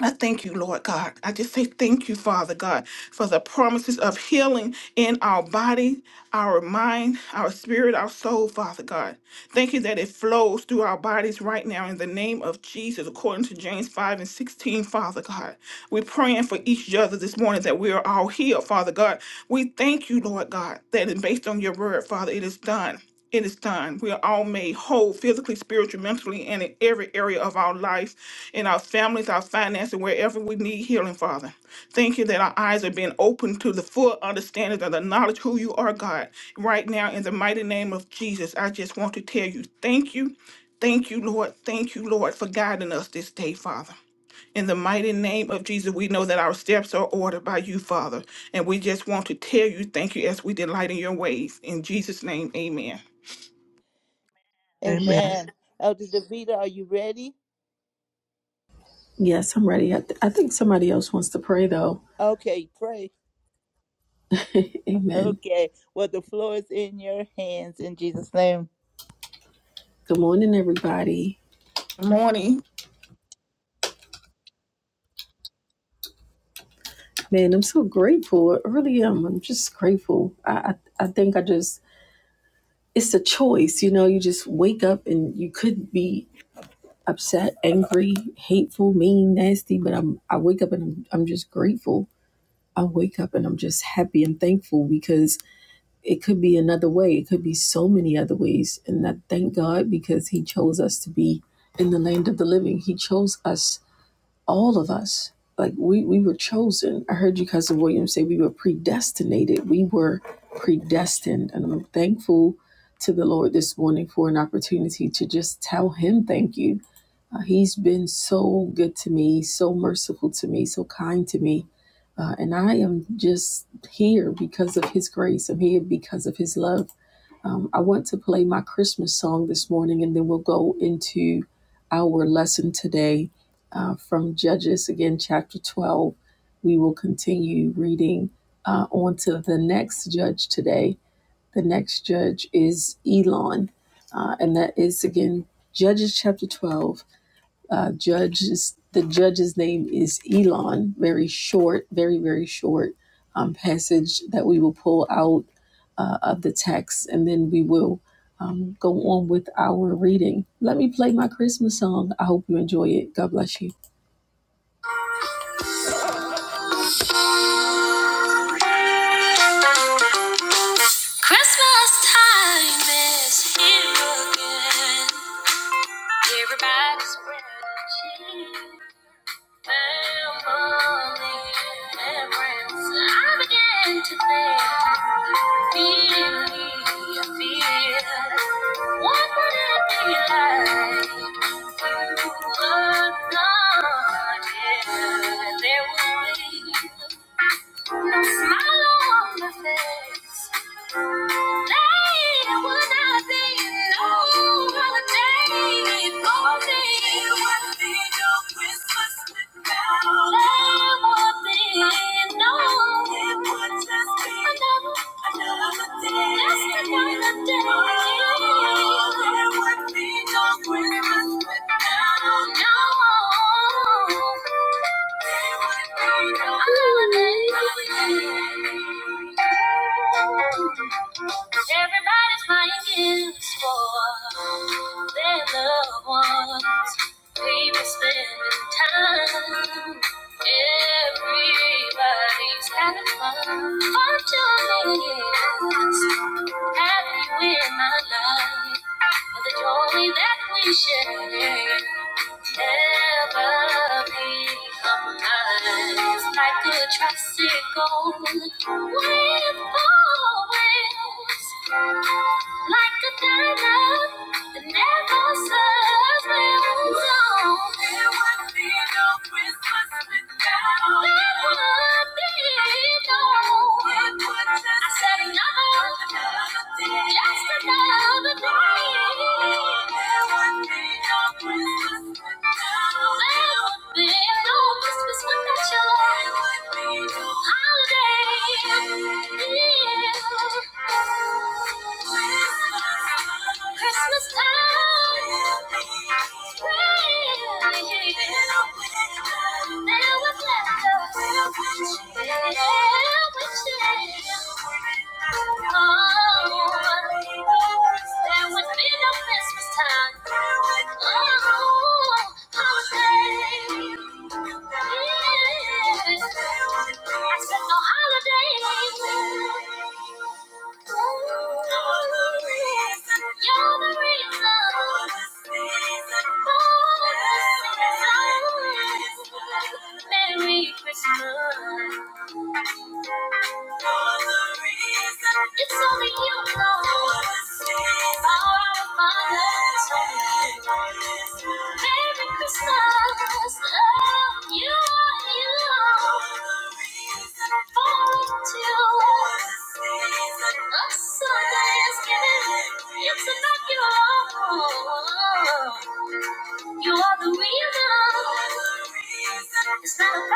[SPEAKER 11] I thank you, Lord God. I just say thank you, Father God, for the promises of healing in our body, our mind, our spirit, our soul, Father God. Thank you that it flows through our bodies right now in the name of Jesus, according to James 5 and 16, Father God. We're praying for each other this morning that we are all healed, Father God. We thank you, Lord God, that is based on your word, Father, it is done. It is done. We are all made whole physically, spiritually, mentally, and in every area of our life in our families, our finances, wherever we need healing, Father. Thank you that our eyes are being opened to the full understanding of the knowledge who you are, God. Right now, in the mighty name of Jesus, I just want to tell you thank you, thank you, Lord, thank you, Lord, for guiding us this day, Father. In the mighty name of Jesus, we know that our steps are ordered by you, Father. And we just want to tell you thank you as we delight in your ways. In Jesus' name, amen.
[SPEAKER 5] Amen.
[SPEAKER 1] Amen. Elder Davida, are you ready?
[SPEAKER 12] Yes, I'm ready. I, th- I think somebody else wants to pray though.
[SPEAKER 1] Okay, pray.
[SPEAKER 12] Amen.
[SPEAKER 1] Okay. Well, the floor is in your hands in Jesus' name.
[SPEAKER 12] Good morning, everybody.
[SPEAKER 11] morning.
[SPEAKER 12] Man, I'm so grateful. I really am. I'm just grateful. I, I I think I just it's a choice, you know. You just wake up and you could be upset, angry, hateful, mean, nasty, but I'm I wake up and I'm I'm just grateful. I wake up and I'm just happy and thankful because. it could be another way. It could be so many other ways. And I thank God because He chose us to be in the land of the living. He chose us, all of us. Like we, we were chosen. I heard you, Cousin William, say we were predestinated. We were predestined. And I'm thankful to the Lord this morning for an opportunity to just tell Him thank you uh, he's been so good to me, so merciful to me, so kind to me. Uh, and I am just here because of his grace. I'm here because of his love. Um, I want to play my Christmas song this morning, and then we'll go into our lesson today uh, from Judges, again, chapter 12. We will continue reading uh, on to the next judge today. The next judge is Elon, uh, and that is, again, Judges chapter 12 uh, judge the judge's name is Elon. Very short, very very short um, passage that we will pull out uh, of the text, and then we will um, go on with our reading. Let me play my Christmas song. I hope you enjoy it. God bless you. Christmas time is here again. Everybody's ready Family and friends. I began to think, really, I feel. What would it be like if you were not here? There would be. No smile on my face. Today would not be no holiday for me. There would be no Christmas without you. There would be no. It would just be another, another day. Just another Everybody's buying gifts for their loved ones. People spending time. Everybody's having fun. Fun Happy with my life for the joy that we share. Never be compromised like a tricycle with four wheels, like a diamond that never serves No, there would be no Christmas without. There would be no. It would just I said another, another day. just another day. Christmas time, there was laughter, there was shame. Oh. And when it's Christmas time, oh, holiday. Yeah. I said no holiday. You're the reason. Merry Christmas. It's only you, Lord. Power of my hands. Merry Christmas. Love you, you. Fall into a Sunday is giving. It's not your own. You are the reason. It's not Thank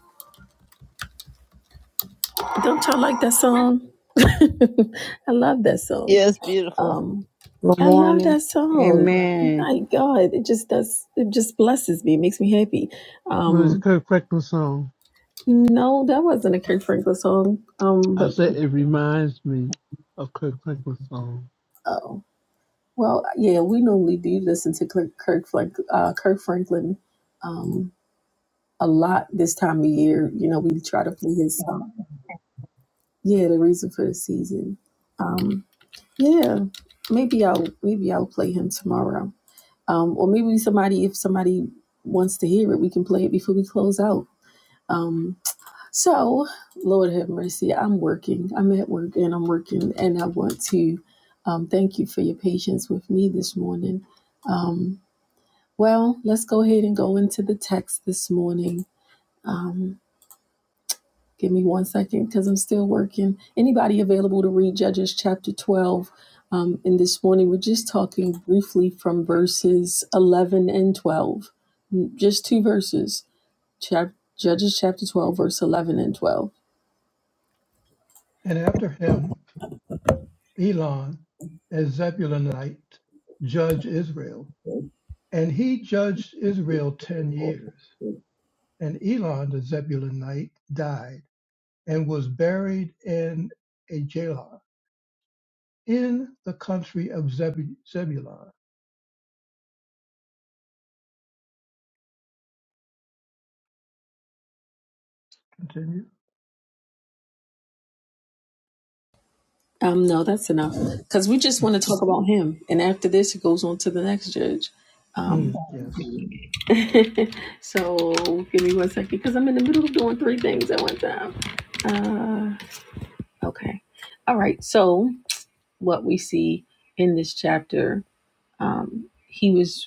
[SPEAKER 12] you. Don't y'all like that song? I love that song.
[SPEAKER 1] Yes, beautiful.
[SPEAKER 12] Um, I love
[SPEAKER 9] morning.
[SPEAKER 12] that song.
[SPEAKER 9] Amen.
[SPEAKER 12] My God, it just does. It just blesses me. It makes me happy.
[SPEAKER 3] What is the
[SPEAKER 12] Um,
[SPEAKER 3] Kirk Franklin song?
[SPEAKER 12] no, that wasn't a Kirk Franklin song. Um,
[SPEAKER 3] I
[SPEAKER 12] but
[SPEAKER 3] said it reminds me of Kirk Franklin's song.
[SPEAKER 12] oh, well, yeah, we normally do listen to Kirk Kirk, Frank, uh, Kirk Franklin um, a lot this time of year. You know, we try to play his song. Yeah, the reason for the season. Um, yeah, maybe I'll maybe I'll play him tomorrow. um, or maybe somebody if somebody wants to hear it we can play it before we close out um, so lord have mercy i'm working i'm at work and i'm working and i want to um, thank you for your patience with me this morning um, well let's go ahead and go into the text this morning Um, Give me one second because I'm still working. Anybody available to read Judges chapter 12? Um, and this morning we're just talking briefly from verses 11 and 12. Mm, Just two verses. Chap- Judges chapter 12, verse 11 and 12.
[SPEAKER 2] And after him, Elon, a Zebulunite, judged Israel. And he judged Israel ten years. And Elon, the Zebulunite, died and was buried in a jail in the country of Zebu- Zebulun. Continue.
[SPEAKER 12] Um, no, that's enough because we just want to talk about him. And after this, it goes on to the next judge. Um,
[SPEAKER 2] Mm, yes.
[SPEAKER 12] so give me one second because I'm in the middle of doing three things at one time. Uh, okay. All right. So. what we see in this chapter. Um, he was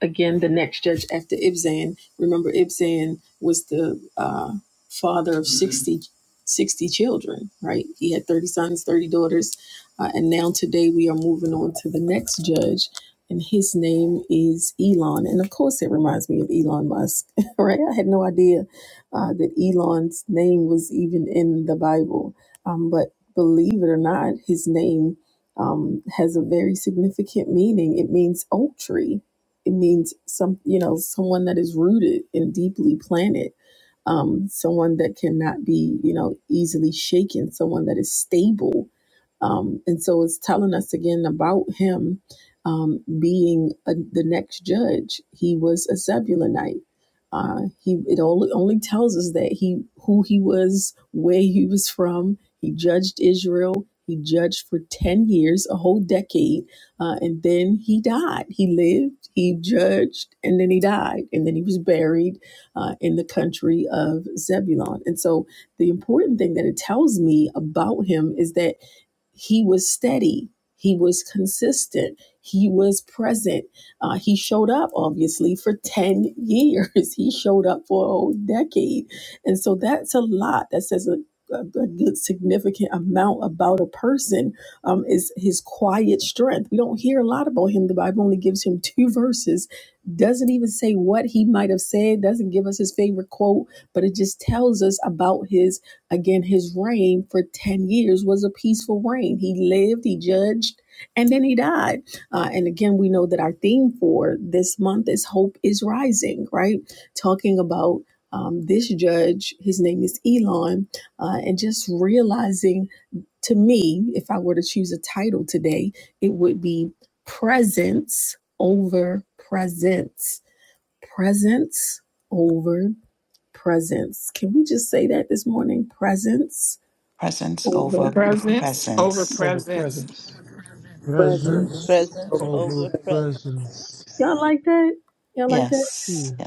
[SPEAKER 12] again the next judge after Ibzan. Remember, Ibzan was the uh, father of 60 60 children, right? He had 30 sons, 30 daughters. Uh, and now today we are moving on to the next judge, and his name is Elon. And of course, it reminds me of Elon Musk, right? I had no idea uh, that Elon's name was even in the Bible. Um, but believe it or not, his name um, has a very significant meaning. It means oak tree it means some you know someone that is rooted and deeply planted um, someone that cannot be you know easily shaken someone that is stable um, and so it's telling us again about him um, being a, the next judge he was a zebulonite uh, he it only, only tells us that he who he was where he was from he judged israel he judged for 10 years a whole decade uh, and then he died. He lived, he judged, and then he died. And then he was buried uh, in the country of Zebulon. And so the important thing that it tells me about him is that he was steady he was consistent he was present uh, he showed up obviously for 10 years he showed up for a whole decade and so that's a lot that says a, a, a good significant amount about a person um, is his quiet strength we don't hear a lot about him the bible only gives him two verses doesn't even say what he might have said doesn't give us his favorite quote but it just tells us about his Again, his reign for 10 years was a peaceful reign. He lived, he judged, and then he died. Uh, and again, we know that our theme for this month is Hope is Rising, right? Talking about um, this judge, his name is Elon, uh, and just realizing to me, if I were to choose a title today, it would be Presence over Presence. Presence over presence. Can we just say that this morning? Presence
[SPEAKER 13] Presence over
[SPEAKER 12] over.
[SPEAKER 2] Present
[SPEAKER 11] Presence over
[SPEAKER 13] presence.
[SPEAKER 2] over
[SPEAKER 11] presence.
[SPEAKER 2] presence.
[SPEAKER 3] Presence
[SPEAKER 1] Presence
[SPEAKER 3] over
[SPEAKER 1] over presence.
[SPEAKER 3] presence.
[SPEAKER 12] Y'all like that? Y'all like that?
[SPEAKER 13] Yes.
[SPEAKER 3] Yeah,
[SPEAKER 13] Yes.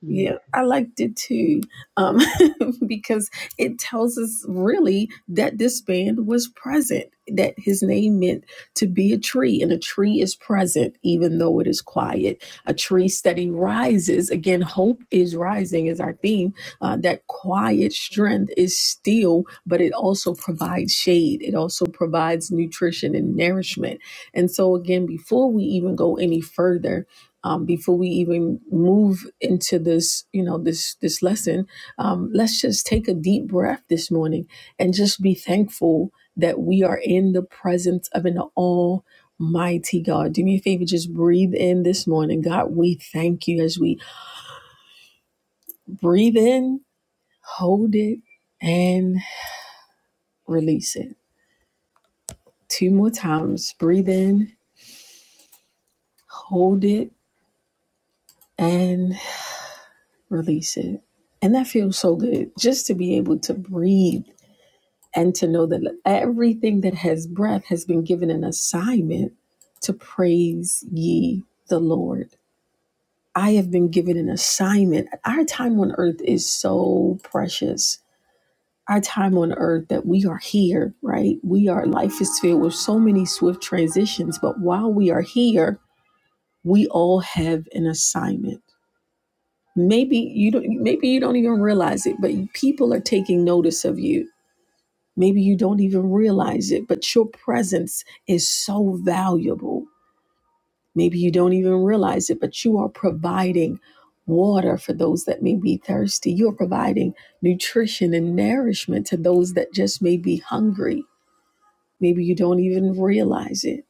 [SPEAKER 3] yeah.
[SPEAKER 12] Yeah, I liked it too, um, because it tells us really that this band was present, that his name meant to be a tree, and a tree is present even though it is quiet. A tree steady rises. Again, hope is rising is our theme. Uh, that quiet strength is still, but it also provides shade. It also provides nutrition and nourishment. And so, again, before we even go any further, um, before we even move into this, you know, this this lesson, um, let's just take a deep breath this morning and just be thankful that we are in the presence of an Almighty God. Do me a favor, just breathe in this morning, God. We thank you as we breathe in, hold it, and release it. Two more times. Breathe in, hold it, and release it. And that feels so good just to be able to breathe and to know that everything that has breath has been given an assignment to praise ye the Lord. I have been given an assignment. Our time on earth is so precious. Our time on earth that we are here, right? We are, life is filled with so many swift transitions, but while we are here, we all have an assignment. Maybe you don't maybe you don't even realize it, but people are taking notice of you Maybe you don't even realize it, but your presence is so valuable. Maybe you don't even realize it, but you are providing water for those that may be thirsty. You're providing nutrition and nourishment to those that just may be hungry. Maybe you don't even realize it,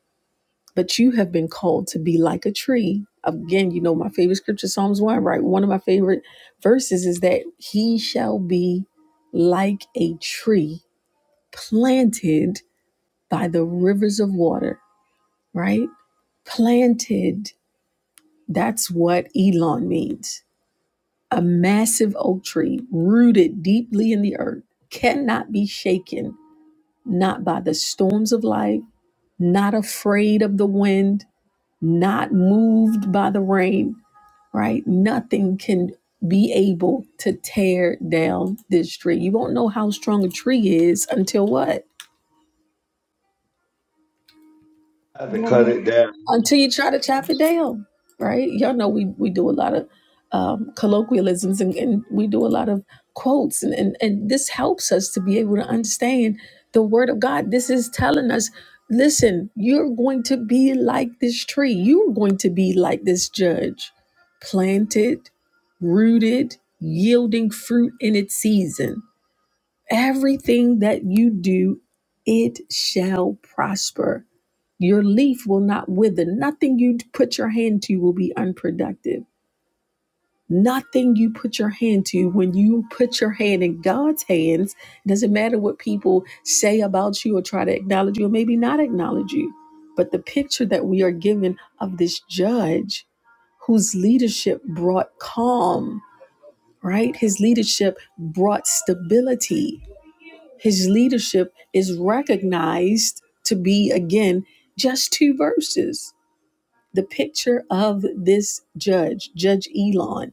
[SPEAKER 12] but you have been called to be like a tree. Again, you know, my favorite scripture, Psalms 1, right? One of my favorite verses is that he shall be like a tree planted by the rivers of water, right? Planted, that's what Elon means. A massive oak tree rooted deeply in the earth cannot be shaken, not by the storms of life, not afraid of the wind, not moved by the rain, right? Nothing can be able to tear down this tree. You won't know how strong a tree is until what?
[SPEAKER 4] I had to cut it down.
[SPEAKER 12] until you try to chop it down, right? Y'all know we, we do a lot of um, colloquialisms and, and we do a lot of quotes, and, and, and this helps us to be able to understand the Word of God. This is telling us listen, you're going to be like this tree, you're going to be like this judge, planted, rooted, yielding fruit in its season. Everything that you do, it shall prosper your leaf will not wither. Nothing you put your hand to will be unproductive. Nothing you put your hand to, when you put your hand in God's hands, it doesn't matter what people say about you or try to acknowledge you or maybe not acknowledge you. But the picture that we are given of this judge whose leadership brought calm, right? His leadership brought stability. His leadership is recognized to be, again, just two verses the picture of this judge, Judge Elon,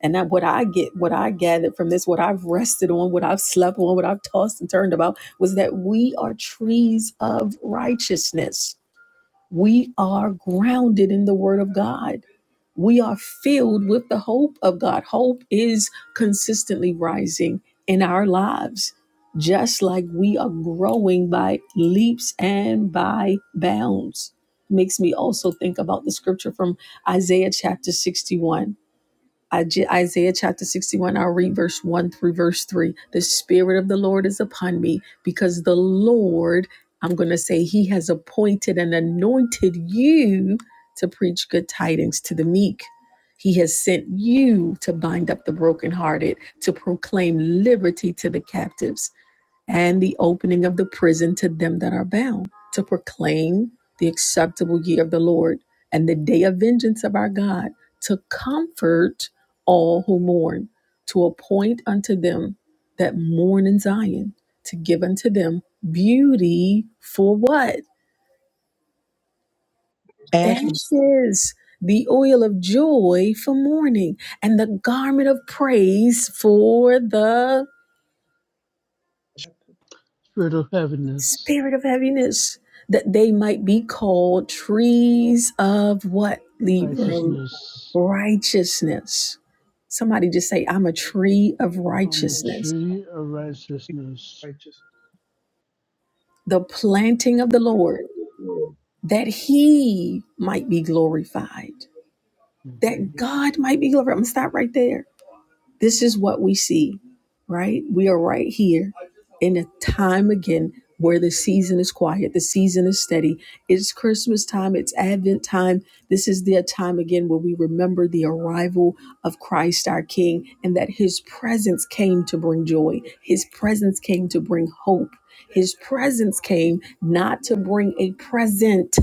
[SPEAKER 12] and that what I get, what I gathered from this, what I've rested on, what I've slept on, what I've tossed and turned about, was that we are trees of righteousness. We are grounded in the word of God we are filled with the hope of God. Hope is consistently rising in our lives, just like we are growing by leaps and by bounds. Makes me also think about the scripture from Isaiah chapter 61 Isaiah chapter 61, I'll read verse 1 through verse 3. The Spirit of the Lord is upon me because the Lord, I'm going to say, He has appointed and anointed you to preach good tidings to the meek. He has sent you to bind up the brokenhearted, to proclaim liberty to the captives and the opening of the prison to them that are bound, to proclaim the acceptable year of the Lord and the day of vengeance of our God, to comfort all who mourn, to appoint unto them that mourn in Zion, to give unto them beauty for what?
[SPEAKER 10] Ashes,
[SPEAKER 12] Ashes. The oil of joy for mourning and the garment of praise for the
[SPEAKER 3] Spirit of heaviness,
[SPEAKER 12] Spirit of heaviness, that they might be called trees of what? Libram.
[SPEAKER 3] righteousness.
[SPEAKER 12] Righteousness. Somebody just say, I'm a tree of
[SPEAKER 3] I'm a
[SPEAKER 12] righteousness.
[SPEAKER 3] tree of
[SPEAKER 2] I'm a
[SPEAKER 3] righteousness.
[SPEAKER 2] righteous.
[SPEAKER 12] The planting of the Lord, that he might be glorified,
[SPEAKER 3] Mhm.
[SPEAKER 12] that God might be glorified. I'm going to stop right there This is what we see, right? We are right here in a time again where the season is quiet, the season is steady. It's Christmas time, it's Advent time. This is the time again where we remember the arrival of Christ our King and that his presence came to bring joy, his presence came to bring hope. His presence came not to bring a present,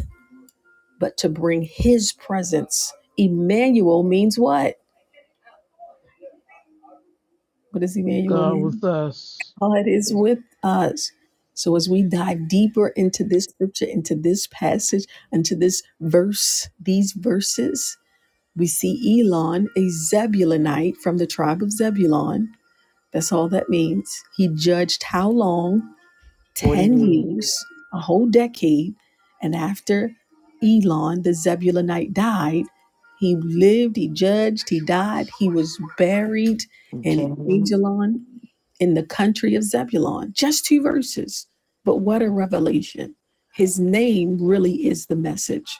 [SPEAKER 12] but to bring his presence. Emmanuel means what? What does Emmanuel
[SPEAKER 3] God
[SPEAKER 12] mean?
[SPEAKER 3] with us.
[SPEAKER 12] God is with us. So as we dive deeper into this scripture, into this passage, into this verse, these verses, we see Elon, a Zebulonite from the tribe of Zebulon. That's all that means. He judged how long?
[SPEAKER 10] what are
[SPEAKER 12] 10
[SPEAKER 10] you?
[SPEAKER 12] years, a whole decade. And after Elon, the Zebulonite died, he lived, he judged, he died, he was buried in
[SPEAKER 10] Continue.
[SPEAKER 12] Ajalon in the country of Zebulon. Just two verses. But what a revelation. His name really is the message.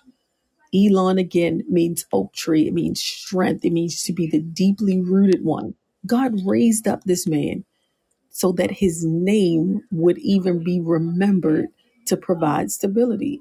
[SPEAKER 12] Elon again means oak tree, it means strength, it means to be the deeply rooted one. God raised up this man so that his name would even be remembered to provide stability.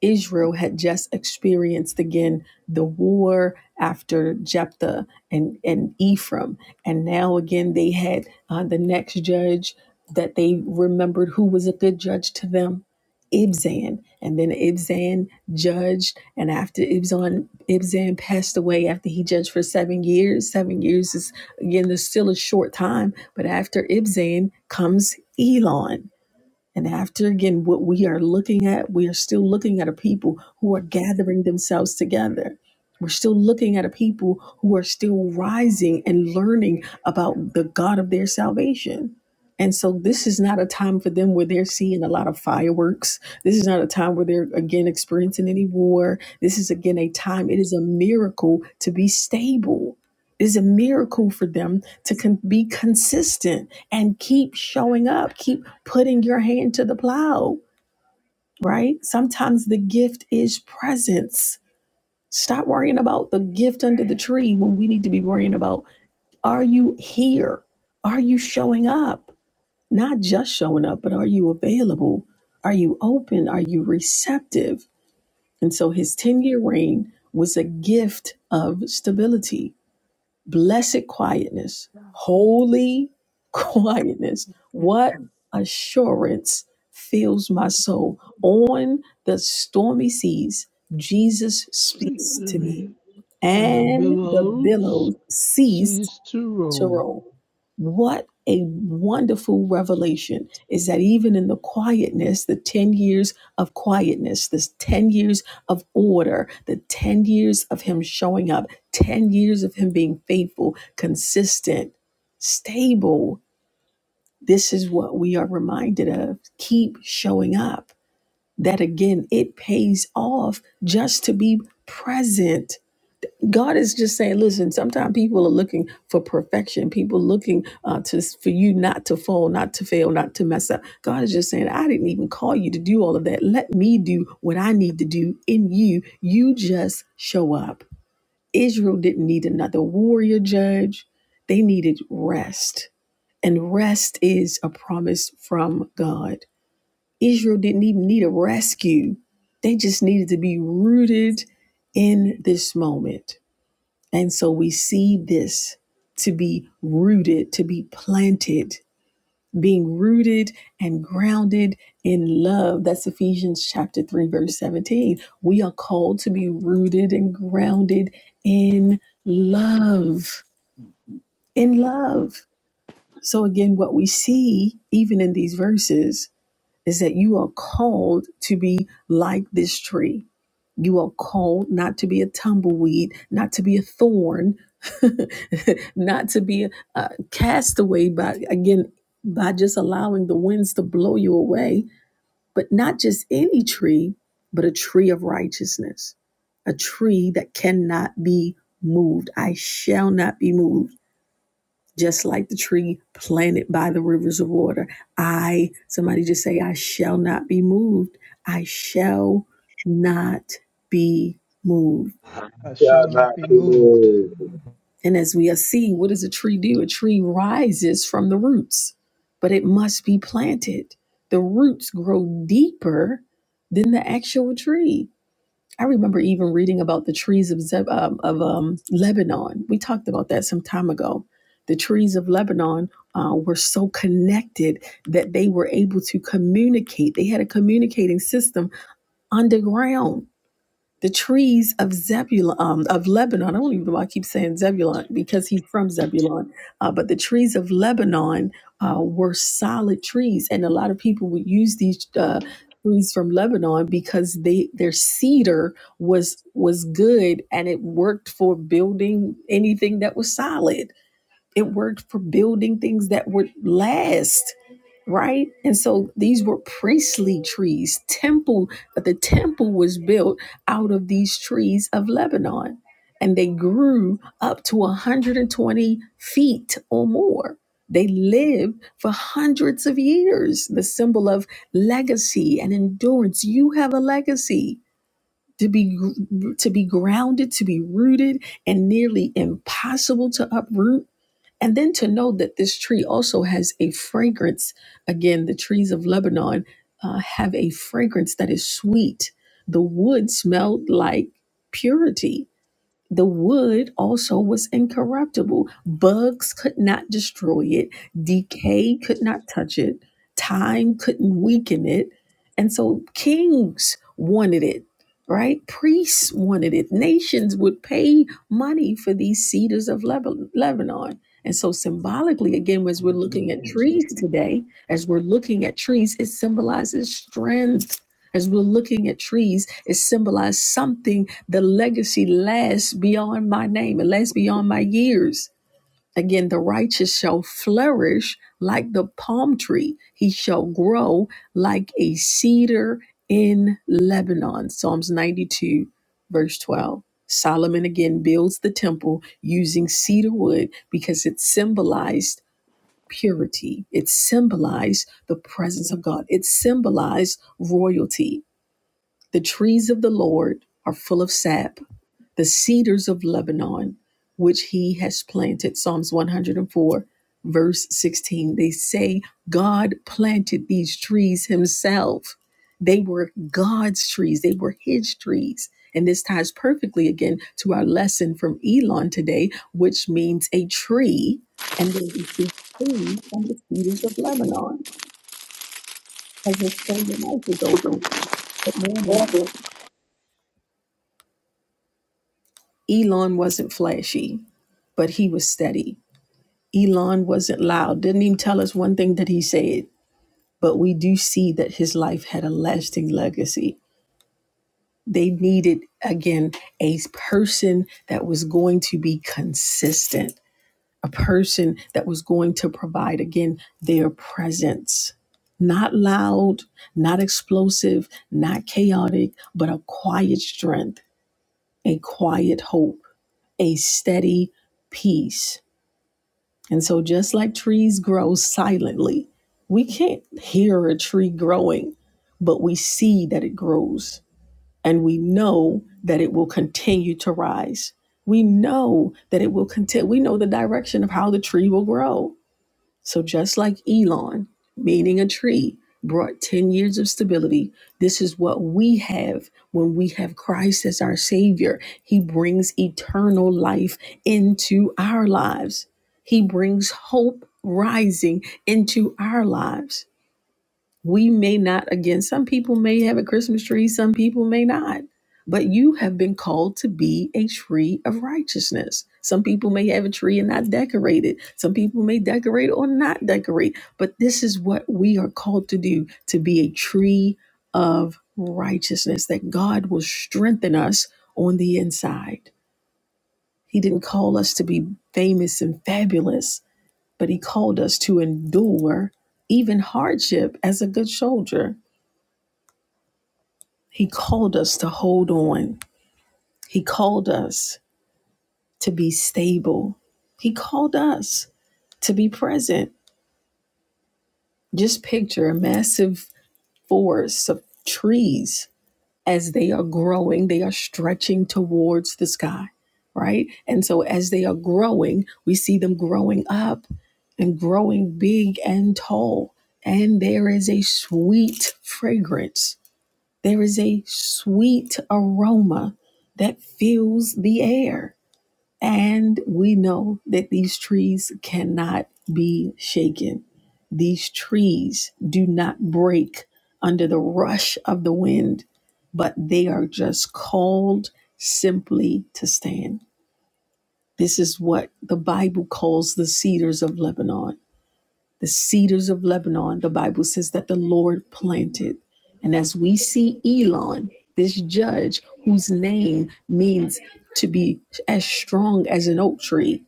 [SPEAKER 12] Israel had just experienced again the war after Jephthah and, and Ephraim. And now again, they had uh, the next judge that they remembered who was a good judge to them Ibzan. And then Ibzan judged. And after Ibzan, Ibzan passed away, after he judged for seven years, seven years is again, there's still a short time. But after Ibzan comes Elon. And after again, what we are looking at, we are still looking at a people who are gathering themselves together. We're still looking at a people who are still rising and learning about the God of their salvation. And so this is not a time for them where they're seeing a lot of fireworks. This is not a time where they're again experiencing any war. This is again a time, it is a miracle to be stable. It is a miracle for them to con- be consistent and keep showing up, keep putting your hand to the plow, right? Sometimes the gift is presence. Stop worrying about the gift under the tree when we need to be worrying about are you here? Are you showing up? Not just showing up, but are you available? Are you open? Are you receptive? And so his 10 year reign was a gift of stability Blessed quietness, holy quietness. What assurance fills my soul. On the stormy seas, Jesus
[SPEAKER 3] Speak
[SPEAKER 12] speaks
[SPEAKER 3] to
[SPEAKER 12] to me,
[SPEAKER 3] me, and the
[SPEAKER 12] and the
[SPEAKER 3] billows
[SPEAKER 12] billows cease
[SPEAKER 3] cease to
[SPEAKER 12] to
[SPEAKER 3] roll.
[SPEAKER 12] roll. What a wonderful revelation is that even in the quietness, the 10 years of quietness, this 10 years of order, the 10 years of him showing up, 10 years of him being faithful, consistent, stable, this is what we are reminded of. Keep showing up. That again, it pays off just to be present God is just saying, listen, sometimes people are looking for perfection. People looking uh, to for you not to fall, not to fail, not to mess up. God is just saying, I didn't even call you to do all of that. Let me do what I need to do in you. You just show up. Israel didn't need another warrior judge. They needed rest. And rest is a promise from God. Israel didn't even need a rescue. They just needed to be rooted in this moment and so we see this to be rooted, to be planted, being rooted and grounded in love. That's Ephesians chapter 3, verse 17. We are called to be rooted and grounded in love. In love. So, again, what we see, even in these verses, is that you are called to be like this tree. You are called not to be a tumbleweed, not to be a thorn, not to be a, a castaway by, again, by just allowing the winds to blow you away, but not just any tree, but a tree of righteousness, a tree that cannot be moved. I shall not be moved just like the tree planted by the rivers of water. I, somebody just say, I shall not be moved. I shall not be moved.
[SPEAKER 2] I
[SPEAKER 4] Yeah,
[SPEAKER 2] shall not
[SPEAKER 4] not
[SPEAKER 2] be
[SPEAKER 4] to
[SPEAKER 2] moved.
[SPEAKER 4] the-
[SPEAKER 12] And as we are seeing, what does a tree do? A tree rises from the roots, but it must be planted. The roots grow deeper than the actual tree. I remember even reading about the trees of Zeb, um, of um, Lebanon. We talked about that some time ago. The trees of Lebanon uh, were so connected that they were able to communicate. They had a communicating system underground the trees of Zebulun, um, of Lebanon. I don't even know why I keep saying Zebulun because he's from Zebulun. Uh, but the trees of Lebanon uh, were solid trees, and a lot of people would use these uh, trees from Lebanon because they their cedar was was good and it worked for building anything that was solid. It worked for building things that would last right? And so these were priestly trees, temple, but the temple was built out of these trees of Lebanon. And they grew up to 120 feet or more. They lived for hundreds of years, the symbol of legacy and endurance. You have a legacy to be to be grounded, to be rooted, and nearly impossible to uproot and then to know that this tree also has a fragrance. Again, the trees of Lebanon uh, have a fragrance that is sweet. The wood smelled like purity the wood also was incorruptible. Bugs could not destroy it, decay could not touch it, time couldn't weaken it. And so kings wanted it, right? Priests wanted it. Nations would pay money for these cedars of Leba- Lebanon. And so, symbolically, again, as we're looking at trees today, as we're looking at trees, it symbolizes strength. As we're looking at trees, it symbolizes something the legacy lasts beyond my name, it lasts beyond my years. Again, the righteous shall flourish like the palm tree, he shall grow like a cedar in Lebanon. Psalms 92, verse 12. Solomon again builds the temple using cedar wood because it symbolized purity. It symbolized the presence of God. It symbolized royalty. The trees of the Lord are full of sap the cedars of Lebanon, which he has planted. Psalms 104, verse 16. They say God planted these trees himself. They were God's trees, they were his trees. And this ties perfectly again to our lesson from Elon today, which means a tree. And then we see trees from the cedars of Lebanon as the spring of life is open. Good morning. Elon wasn't flashy, but he was steady. Elon wasn't loud, didn't even tell us one thing that he said, but we do see that his life had a lasting legacy. They needed, again, a person that was going to be consistent, a person that was going to provide, again, their presence. Not loud, not explosive, not chaotic, but a quiet strength, a quiet hope, a steady peace And so, just like trees grow silently, we can't hear a tree growing, but we see that it grows and we know that it will continue to rise. We know that it will continue. We know the direction of how the tree will grow so just like Elon, meaning a tree, brought 10 years of stability, this is what we have when we have Christ as our Savior. He brings eternal life into our lives, He brings hope rising into our lives we may not again some people may have a christmas tree some people may not but you have been called to be a tree of righteousness some people may have a tree and not decorate it some people may decorate or not decorate but this is what we are called to do to be a tree of righteousness that god will strengthen us on the inside he didn't call us to be famous and fabulous but he called us to endure even hardship as a good soldier He called us to hold on. He called us to be stable. He called us to be present. Just picture a massive forest of trees as they are growing, they are stretching towards the sky, right? And so as they are growing, we see them growing up and growing big and tall. And there is a sweet fragrance There is a sweet aroma that fills the air. And we know that these trees cannot be shaken. These trees do not break under the rush of the wind, but they are just called simply to stand. This is what the Bible calls the cedars of Lebanon. The cedars of Lebanon, the Bible says that the Lord planted. And as we see Elon, this judge whose name means to be as strong as an oak tree,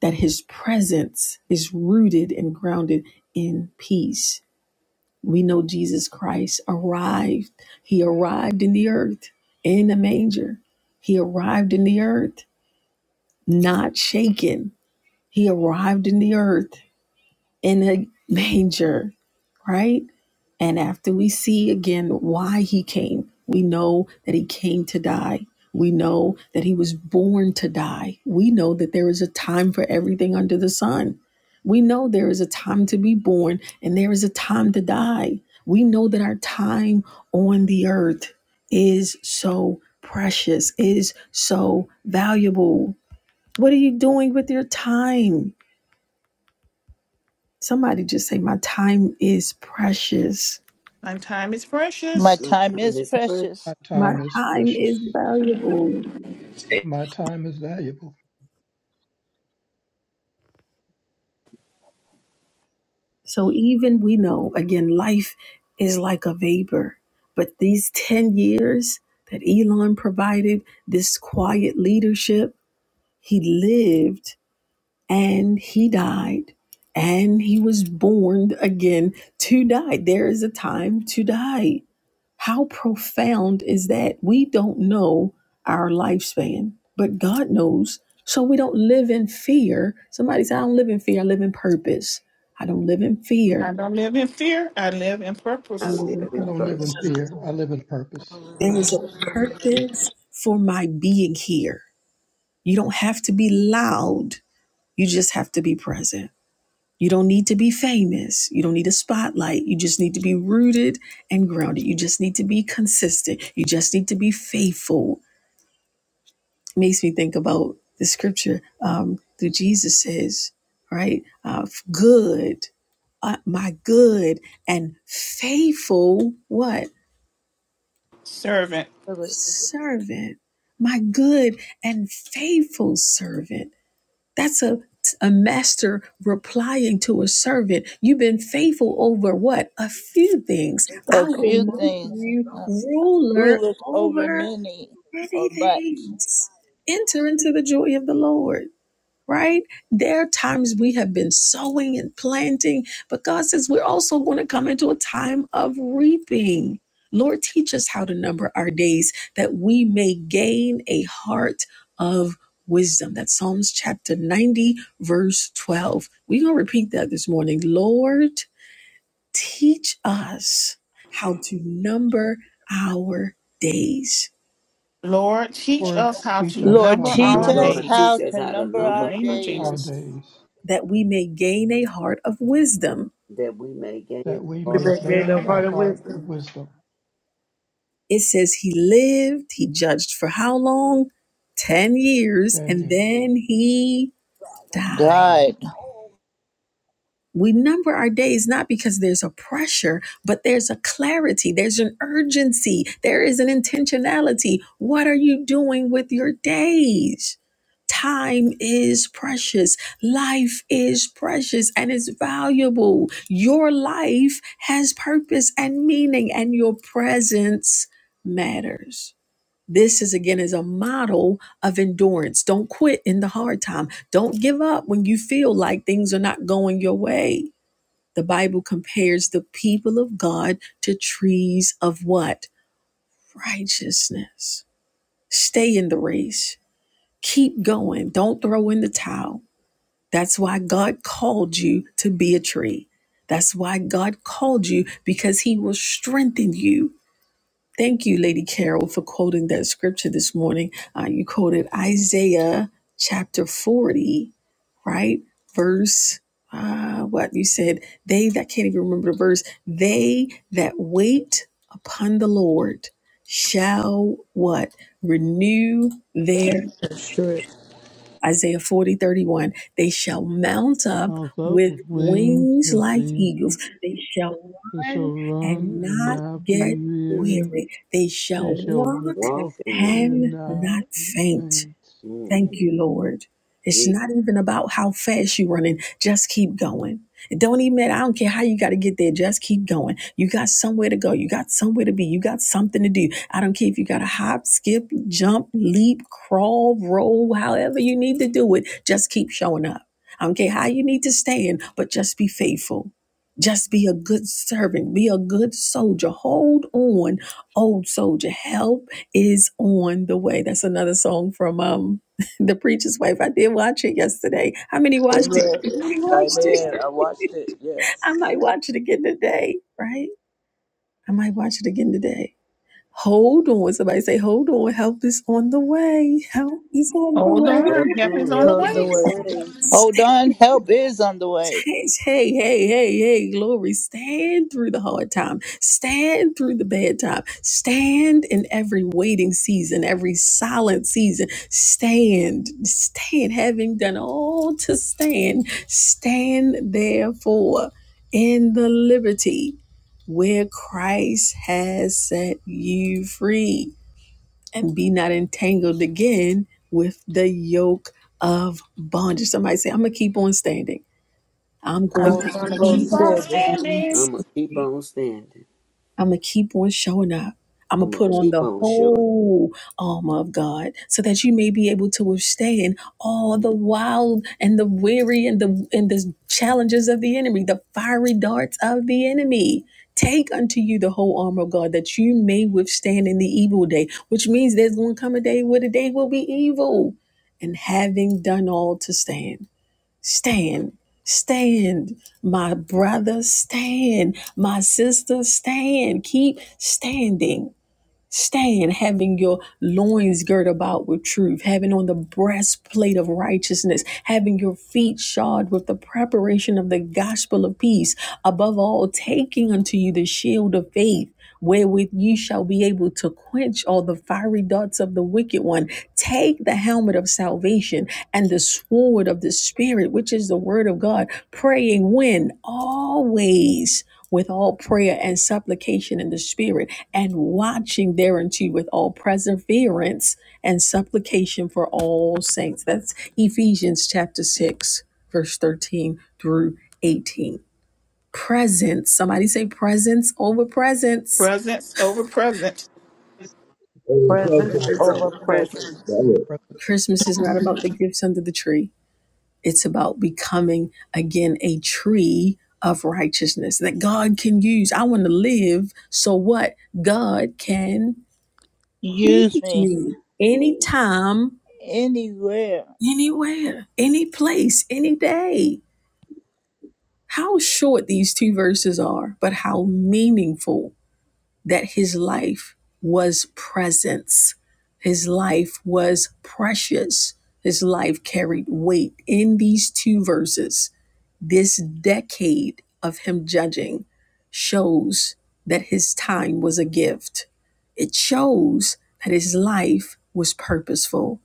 [SPEAKER 12] that his presence is rooted and grounded in peace. We know Jesus Christ arrived. He arrived in the earth in a manger. He arrived in the earth not shaken. He arrived in the earth in a manger, right? And after we see again why he came, we know that he came to die. We know that he was born to die. We know that there is a time for everything under the sun. We know there is a time to be born and there is a time to die. We know that our time on the earth is so precious, is so valuable. What are you doing with your time? Somebody just say, My time is precious.
[SPEAKER 11] My time is
[SPEAKER 1] My
[SPEAKER 11] precious.
[SPEAKER 14] My
[SPEAKER 1] time
[SPEAKER 14] first,
[SPEAKER 1] is
[SPEAKER 14] is precious.
[SPEAKER 1] precious.
[SPEAKER 2] My
[SPEAKER 12] My
[SPEAKER 2] time is
[SPEAKER 12] time is
[SPEAKER 2] precious.
[SPEAKER 12] valuable.
[SPEAKER 2] My time is valuable.
[SPEAKER 12] So even we know, again, life is like a vapor. But these 10 years that Elon provided, this quiet leadership, he lived and he died and he was born again to die. There is a time to die How profound is that? We don't know our lifespan, but God knows. So we don't live in fear. Somebody said, I don't live in fear, I live in purpose. I don't live in
[SPEAKER 11] I
[SPEAKER 12] fear,
[SPEAKER 11] don't live in fear. I live in
[SPEAKER 12] I
[SPEAKER 14] I
[SPEAKER 11] purpose,
[SPEAKER 12] live in
[SPEAKER 14] live
[SPEAKER 2] I
[SPEAKER 14] in
[SPEAKER 2] don't live
[SPEAKER 12] purpose.
[SPEAKER 14] purpose.
[SPEAKER 2] in fear. I live in purpose.
[SPEAKER 12] There is a purpose for my being here. You don't have to be loud, you just have to be present. You don't need to be famous. You don't need a spotlight. You just need to be rooted and grounded. You just need to be consistent. You just need to be faithful It makes me think about the scripture um, that Jesus says, right? Uh, good, uh, my good and faithful what
[SPEAKER 11] servant.
[SPEAKER 12] servant, my good and faithful servant. That's a a master replying to a servant. You've been faithful over what? A few things.
[SPEAKER 1] A
[SPEAKER 12] I will
[SPEAKER 1] few
[SPEAKER 12] make
[SPEAKER 1] things
[SPEAKER 12] you
[SPEAKER 1] uh,
[SPEAKER 12] ruler
[SPEAKER 1] ruleth over
[SPEAKER 12] over
[SPEAKER 1] many
[SPEAKER 12] many
[SPEAKER 1] or much.
[SPEAKER 12] things. Enter into the joy of the Lord. right? There are times we have been sowing and planting, but God says we're also going to come into a time of reaping. Lord, teach us how to number our days that we may gain a heart of wisdom. That's Psalms chapter 90, verse 12. We're going to repeat that this morning. Lord, teach us how to number our days
[SPEAKER 11] Lord, teach
[SPEAKER 2] Word
[SPEAKER 11] us how
[SPEAKER 2] teach
[SPEAKER 11] to
[SPEAKER 2] us
[SPEAKER 1] Lord,
[SPEAKER 2] how
[SPEAKER 11] number
[SPEAKER 2] to
[SPEAKER 1] teach
[SPEAKER 11] our
[SPEAKER 1] us
[SPEAKER 2] number
[SPEAKER 14] Lord,
[SPEAKER 1] how
[SPEAKER 14] teach
[SPEAKER 11] days.
[SPEAKER 14] us
[SPEAKER 1] to
[SPEAKER 14] how to
[SPEAKER 1] number
[SPEAKER 11] In the
[SPEAKER 14] number
[SPEAKER 1] our
[SPEAKER 11] name
[SPEAKER 14] our
[SPEAKER 11] of
[SPEAKER 14] days
[SPEAKER 1] days.
[SPEAKER 2] our
[SPEAKER 11] Jesus.
[SPEAKER 2] days,
[SPEAKER 12] that we may gain a heart of wisdom
[SPEAKER 14] that we may gain
[SPEAKER 2] that we
[SPEAKER 14] all
[SPEAKER 2] may gain a heart of wisdom.
[SPEAKER 12] It says he lived, he judged for how long? 10 years,
[SPEAKER 2] Ten
[SPEAKER 12] and
[SPEAKER 2] years
[SPEAKER 12] then he died.
[SPEAKER 2] died.
[SPEAKER 1] God,
[SPEAKER 12] We number our days not because there's a pressure, but there's a clarity, there's an urgency, there is an intentionality. What are you doing with your days? Time is precious. Life is precious and it's valuable. Your life has purpose and meaning, and your presence matters. This is again is a model of endurance. Don't quit in the hard time. Don't give up when you feel like things are not going your way. The Bible compares the people of God to trees of what? Righteousness. Stay in the race. Keep going. Don't throw in the towel. That's why God called you to be a tree. That's why God called you because he will strengthen you Thank you, Lady Carol, for quoting that scripture this morning. Uh, you quoted Isaiah chapter 40, right? Verse, uh, what you said, they that can't even remember the verse, they that wait upon the Lord shall what? Renew their Isaiah 40 31. they shall mount up
[SPEAKER 3] I thought
[SPEAKER 12] with
[SPEAKER 3] with wings
[SPEAKER 12] wings
[SPEAKER 3] that
[SPEAKER 12] like
[SPEAKER 3] they,
[SPEAKER 12] eagles. They shall
[SPEAKER 3] they
[SPEAKER 12] run
[SPEAKER 3] shall run
[SPEAKER 12] and
[SPEAKER 3] and
[SPEAKER 12] not
[SPEAKER 3] not be
[SPEAKER 14] I get
[SPEAKER 12] get
[SPEAKER 14] with.
[SPEAKER 3] weary.
[SPEAKER 12] weary. They shall
[SPEAKER 3] They shall
[SPEAKER 12] walk
[SPEAKER 14] Walk
[SPEAKER 3] walk
[SPEAKER 14] and not.
[SPEAKER 3] and
[SPEAKER 12] and not
[SPEAKER 3] not
[SPEAKER 12] faint.
[SPEAKER 3] faint.
[SPEAKER 12] Thank
[SPEAKER 14] Mm,
[SPEAKER 12] you, Lord. It's
[SPEAKER 14] Jesus.
[SPEAKER 12] not even about how fast you're running. Just keep going. It don't even matter. I don't care how you got to get there. Just keep going. You got somewhere to go. You got somewhere to be. You got something to do. I don't care if you got to hop, skip, jump, leap, crawl, roll, however you need to do it. Just keep showing up. I don't care how you need to stand, but just be faithful. Just be a good servant. Be a good soldier. Hold on, old soldier. Help is on the way. That's another song from um the Preacher's Wife. I did watch it yesterday. How many watched it?
[SPEAKER 5] Amen.
[SPEAKER 12] How many watched it?
[SPEAKER 5] Amen. I watched it. Yes.
[SPEAKER 12] I might watch it again today, right? I might watch it again today. Hold on. Somebody say, hold on. Help is on the way. Help is on the
[SPEAKER 11] Hold
[SPEAKER 12] way.
[SPEAKER 14] Hold
[SPEAKER 11] on. Help is
[SPEAKER 14] on.
[SPEAKER 11] on the
[SPEAKER 14] Help
[SPEAKER 5] Love
[SPEAKER 14] is
[SPEAKER 5] the
[SPEAKER 11] way.
[SPEAKER 14] on the
[SPEAKER 5] way.
[SPEAKER 14] way.
[SPEAKER 1] hold on, help is on the way.
[SPEAKER 12] Hey, hey, hey, hey, hey, glory. Stand through the hard time. Stand through the bad time. Stand in every waiting season, every silent season. Stand, stand, having done all to stand. Stand therefore in the liberty where Christ has set you free. And be not entangled again with the yoke of bondage. Somebody say, I'm going to keep on standing. I'm going
[SPEAKER 11] I'm
[SPEAKER 12] to
[SPEAKER 11] going to keep
[SPEAKER 12] keep
[SPEAKER 11] on
[SPEAKER 12] on
[SPEAKER 11] standing.
[SPEAKER 14] I'm going to keep
[SPEAKER 12] serving.
[SPEAKER 14] on standing.
[SPEAKER 12] I'm going to keep on showing up. I'm going
[SPEAKER 14] I'm
[SPEAKER 12] to
[SPEAKER 14] going
[SPEAKER 12] put
[SPEAKER 14] to
[SPEAKER 12] on
[SPEAKER 14] keep
[SPEAKER 12] the
[SPEAKER 14] on showing.
[SPEAKER 12] whole armor of God so that you may be able to withstand all the wild and the weary and the and the challenges of the enemy, the fiery darts of the enemy. Take unto you the whole armor of God that you may withstand in the evil day, which means there's going to come a day where the day will be evil. And having done all to stand. Stand. Stand, my brother, stand, my sister, stand. Keep standing. Stand, having your loins girt about with truth, having on the breastplate of righteousness, having your feet shod with the preparation of the gospel of peace. Above all, taking unto you the shield of faith, wherewith ye shall be able to quench all the fiery darts of the wicked one. Take the helmet of salvation and the sword of the Spirit, which is the word of God, praying when? Always. With all prayer and supplication in the Spirit and watching thereunto with all perseverance and supplication for all saints. That's Ephesians chapter 6, verse 13 through 18. Presence. Somebody say presence over presence.
[SPEAKER 11] Presence over present.
[SPEAKER 4] oh,
[SPEAKER 5] Present
[SPEAKER 4] perfect.
[SPEAKER 14] Presence over
[SPEAKER 5] over
[SPEAKER 14] presence.
[SPEAKER 5] present.
[SPEAKER 4] That it.
[SPEAKER 12] Christmas is not about the gifts under the tree. It's about becoming again a tree of righteousness that God can use. I want to live so what? God can use
[SPEAKER 1] Use me
[SPEAKER 12] me. Anytime
[SPEAKER 1] anywhere.
[SPEAKER 12] anywhere, any place, any day. How short these two verses are, but how meaningful that his life was presence. His life was precious. His life carried weight in these two verses. This decade of him judging shows that his time was a gift. It shows that his life was purposeful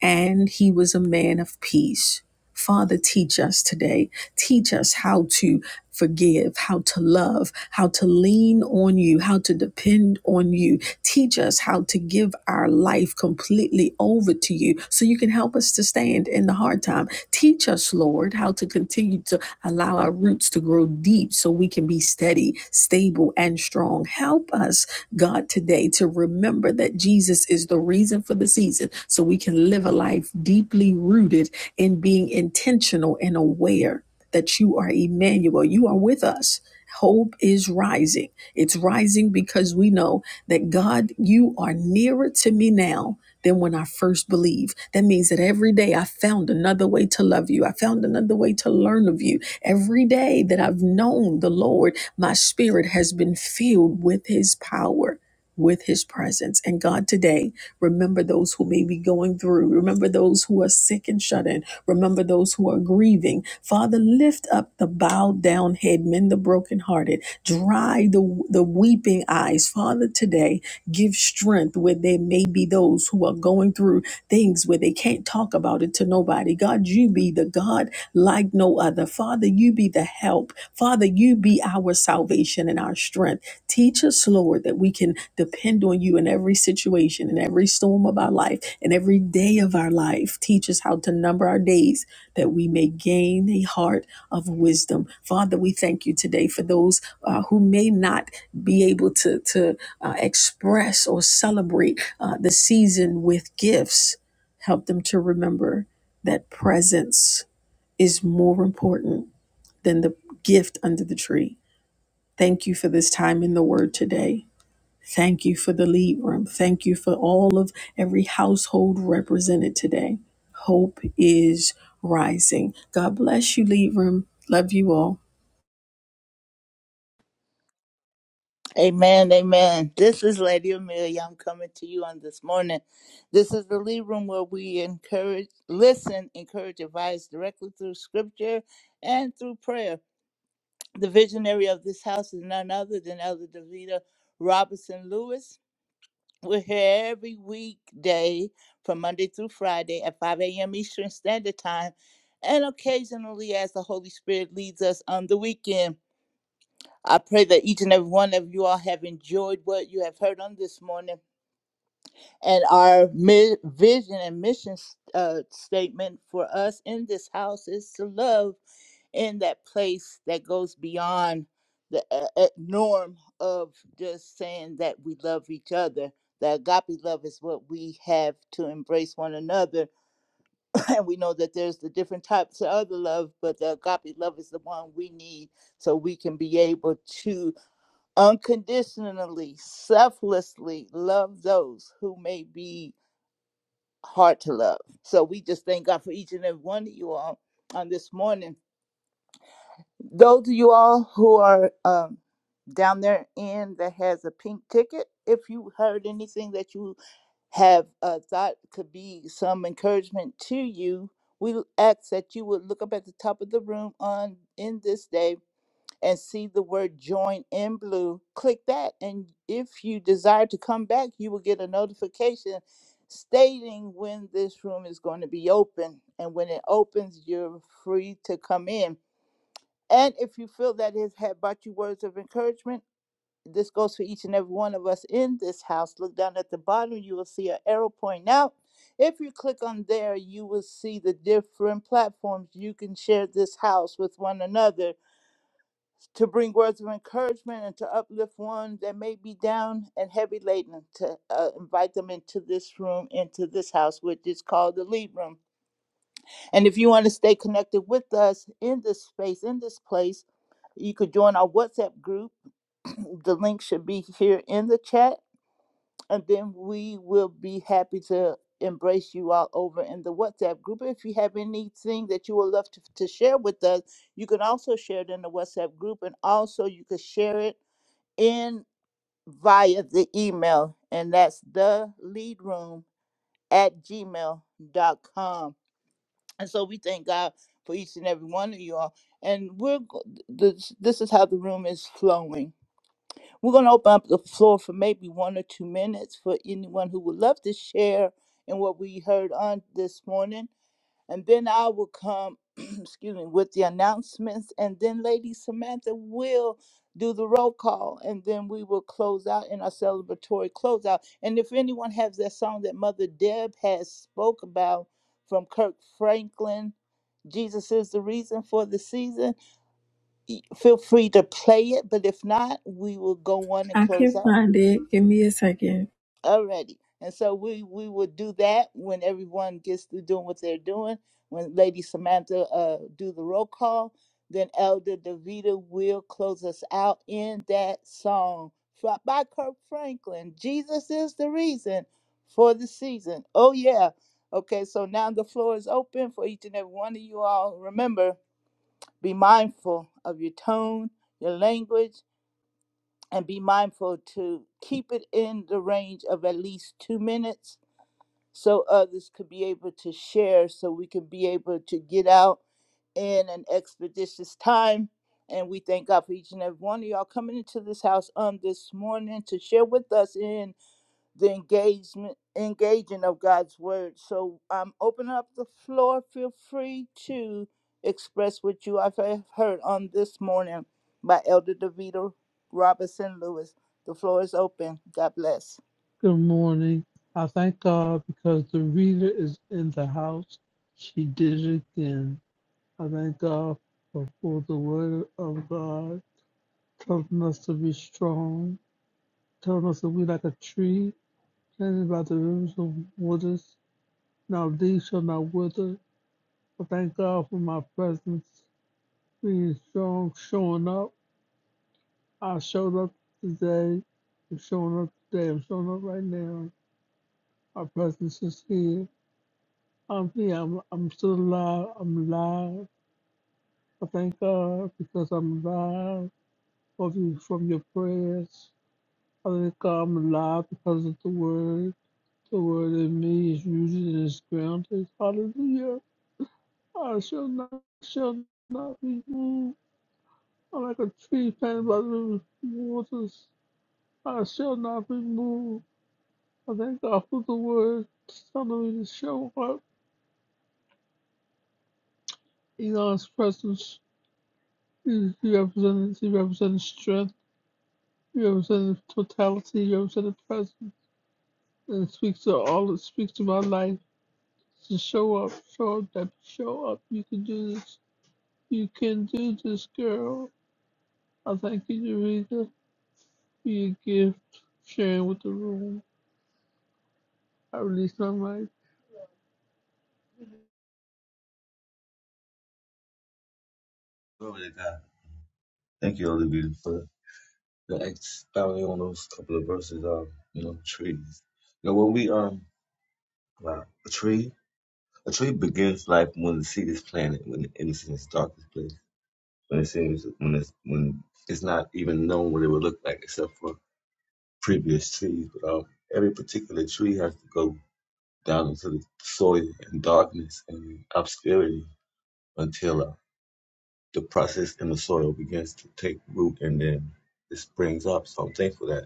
[SPEAKER 12] and he was a man of peace. Father, teach us today. Teach us how to forgive, how to love, how to lean on you, how to depend on you. Teach us how to give our life completely over to you so you can help us to stand in the hard time. Teach us, Lord, how to continue to allow our roots to grow deep so we can be steady, stable, and strong. Help us God today to remember that Jesus is the reason for the season so we can live a life deeply rooted in being intentional and aware that you are Emmanuel. You are with us. Hope is rising. It's rising because we know that God, you are nearer to me now than when I first believed. That means that every day I found another way to love you. I found another way to learn of you. Every day that I've known the Lord my spirit has been filled with his power. With his presence. And God, today, remember those who may be going through. Remember those who are sick and shut in. Remember those who are grieving. Father, lift up the bowed down head, mend the brokenhearted, dry the, the weeping eyes. Father, today, give strength where there may be those who are going through things where they can't talk about it to nobody. God, you be the God like no other. Father, you be the help. Father, you be our salvation and our strength. Teach us, Lord, that we can depend on you in every situation, in every storm of our life, in every day of our life. Teach us how to number our days that we may gain a heart of wisdom. Father, we thank you today for those uh, who may not be able to, to uh, express or celebrate uh, the season with gifts. Help them to remember that presence is more important than the gift under the tree. Thank you for this time in the Word today. Thank you for the lead room. Thank you for all of every household represented today. Hope is rising. God bless you, lead room. Love you all.
[SPEAKER 1] Amen, amen. This is Lady Amelia. I'm coming to you on this morning. This is the lead room where we encourage, listen, encourage, advise directly through scripture and through prayer. The visionary of this house is none other than Elder Davida Robinson Lewis. We're here every weekday from Monday through Friday at 5 a.m. Eastern Standard Time, and occasionally as the Holy Spirit leads us on the weekend. I pray that each and every one of you all have enjoyed what you have heard on this morning and our mi- vision and mission s- uh, statement for us in this house is to love in that place that goes beyond the uh, uh, norm of just saying that we love each other. The agape love is what we have to embrace one another. And we know that there's the different types of other love, but the agape love is the one we need so we can be able to unconditionally, selflessly love those who may be hard to love. So we just thank God for each and every one of you all on this morning. Those of you all who are um, down there in that has a pink ticket, if you heard anything that you have uh, thought could be some encouragement to you, we ask that you would look up at the top of the room on in this day and see the word join in blue, click that. And if you desire to come back, you will get a notification stating when this room is going to be open. And when it opens, you're free to come in. And if you feel that it has brought you words of encouragement, this goes for each and every one of us in this house. Look down at the bottom, you will see an arrow pointing out. If you click on there, you will see the different platforms you can share this house with one another to bring words of encouragement and to uplift one that may be down and heavy laden, to uh, invite them into this room, into this house, which is called the Lead Room. And if you want to stay connected with us in this space, in this place, you could join our WhatsApp group. the link should be here in the chat, and then we will be happy to embrace you all over in the WhatsApp group. If you have anything that you would love to, to share with us, you can also share it in the WhatsApp group, and also you could share it in via the email, and that's the lead room at gmail dot com. And so we thank God for each and every one of you all. And we're go- this, this is how the room is flowing. We're going to open up the floor for maybe one or two minutes for anyone who would love to share in what we heard on this morning. And then I will come, excuse me, with the announcements. And then Lady Samantha will do the roll call. And then we will close out in our celebratory closeout. And if anyone has that song that Mother Deb has spoke about from Kirk Franklin, Jesus is the reason for the season, feel free to play it. But if not, we will go on and
[SPEAKER 12] I
[SPEAKER 1] close
[SPEAKER 12] can't
[SPEAKER 1] out
[SPEAKER 12] find it. Give me a second.
[SPEAKER 1] already. And so we we would do that when everyone gets through doing what they're doing. When Lady Samantha uh, do the roll call, then Elder Davita will close us out in that song fro- by Kirk Franklin. Jesus is the reason for the season. Oh yeah. Okay, so now the floor is open for each and every one of you all. Remember, be mindful of your tone, your language, and be mindful to keep it in the range of at least two minutes so others could be able to share so we could be able to get out in an expeditious time and we thank god for each and every one of y'all coming into this house on this morning to share with us in the engagement engaging of God's word. So I'm opening up the floor. Feel free to express what you have heard on this morning by Elder DeVito Robinson Lewis. The floor is open. God bless.
[SPEAKER 3] Good morning. I thank God because the reader is in the house. She did it again. I thank God for, for the word of God, telling us to be strong, telling us that we like a tree planted by the rivers of waters. Now these shall not wither. I thank God for my presence. being strong, showing up. I showed up today. I'm showing up today. I'm showing up right now. My presence is here. I'm here. I'm, I'm still alive. I'm alive. I thank God because I'm alive. Of you from your prayers. I thank God I'm alive because of the word. The word in me is rooted and is grounded. Hallelujah. I shall not shall not be moved. I'm like a tree planted by the waters. I shall not be moved. I thank God for the word telling me to show up in God's presence. He he represented, he represented strength. He represented totality. He represented presence. And it speaks to all. It speaks to my life. To show up, show up, that show up. You can do this. You can do this, girl. I thank you, Eureka, for your gift, sharing with the room. I release my mic.
[SPEAKER 4] Glory to God. Thank you, all of you, for the expounding on those couple of verses. Um, you know, trees. You know, when we um, wow, a tree, a tree begins life when the seed is planted, when it's in its darkest place, when it seems when it's when it's not even known what it would look like except for previous trees, but um, every particular tree has to go down into the soil and darkness and obscurity until uh, the process in the soil begins to take root and then it springs up. So I'm thankful that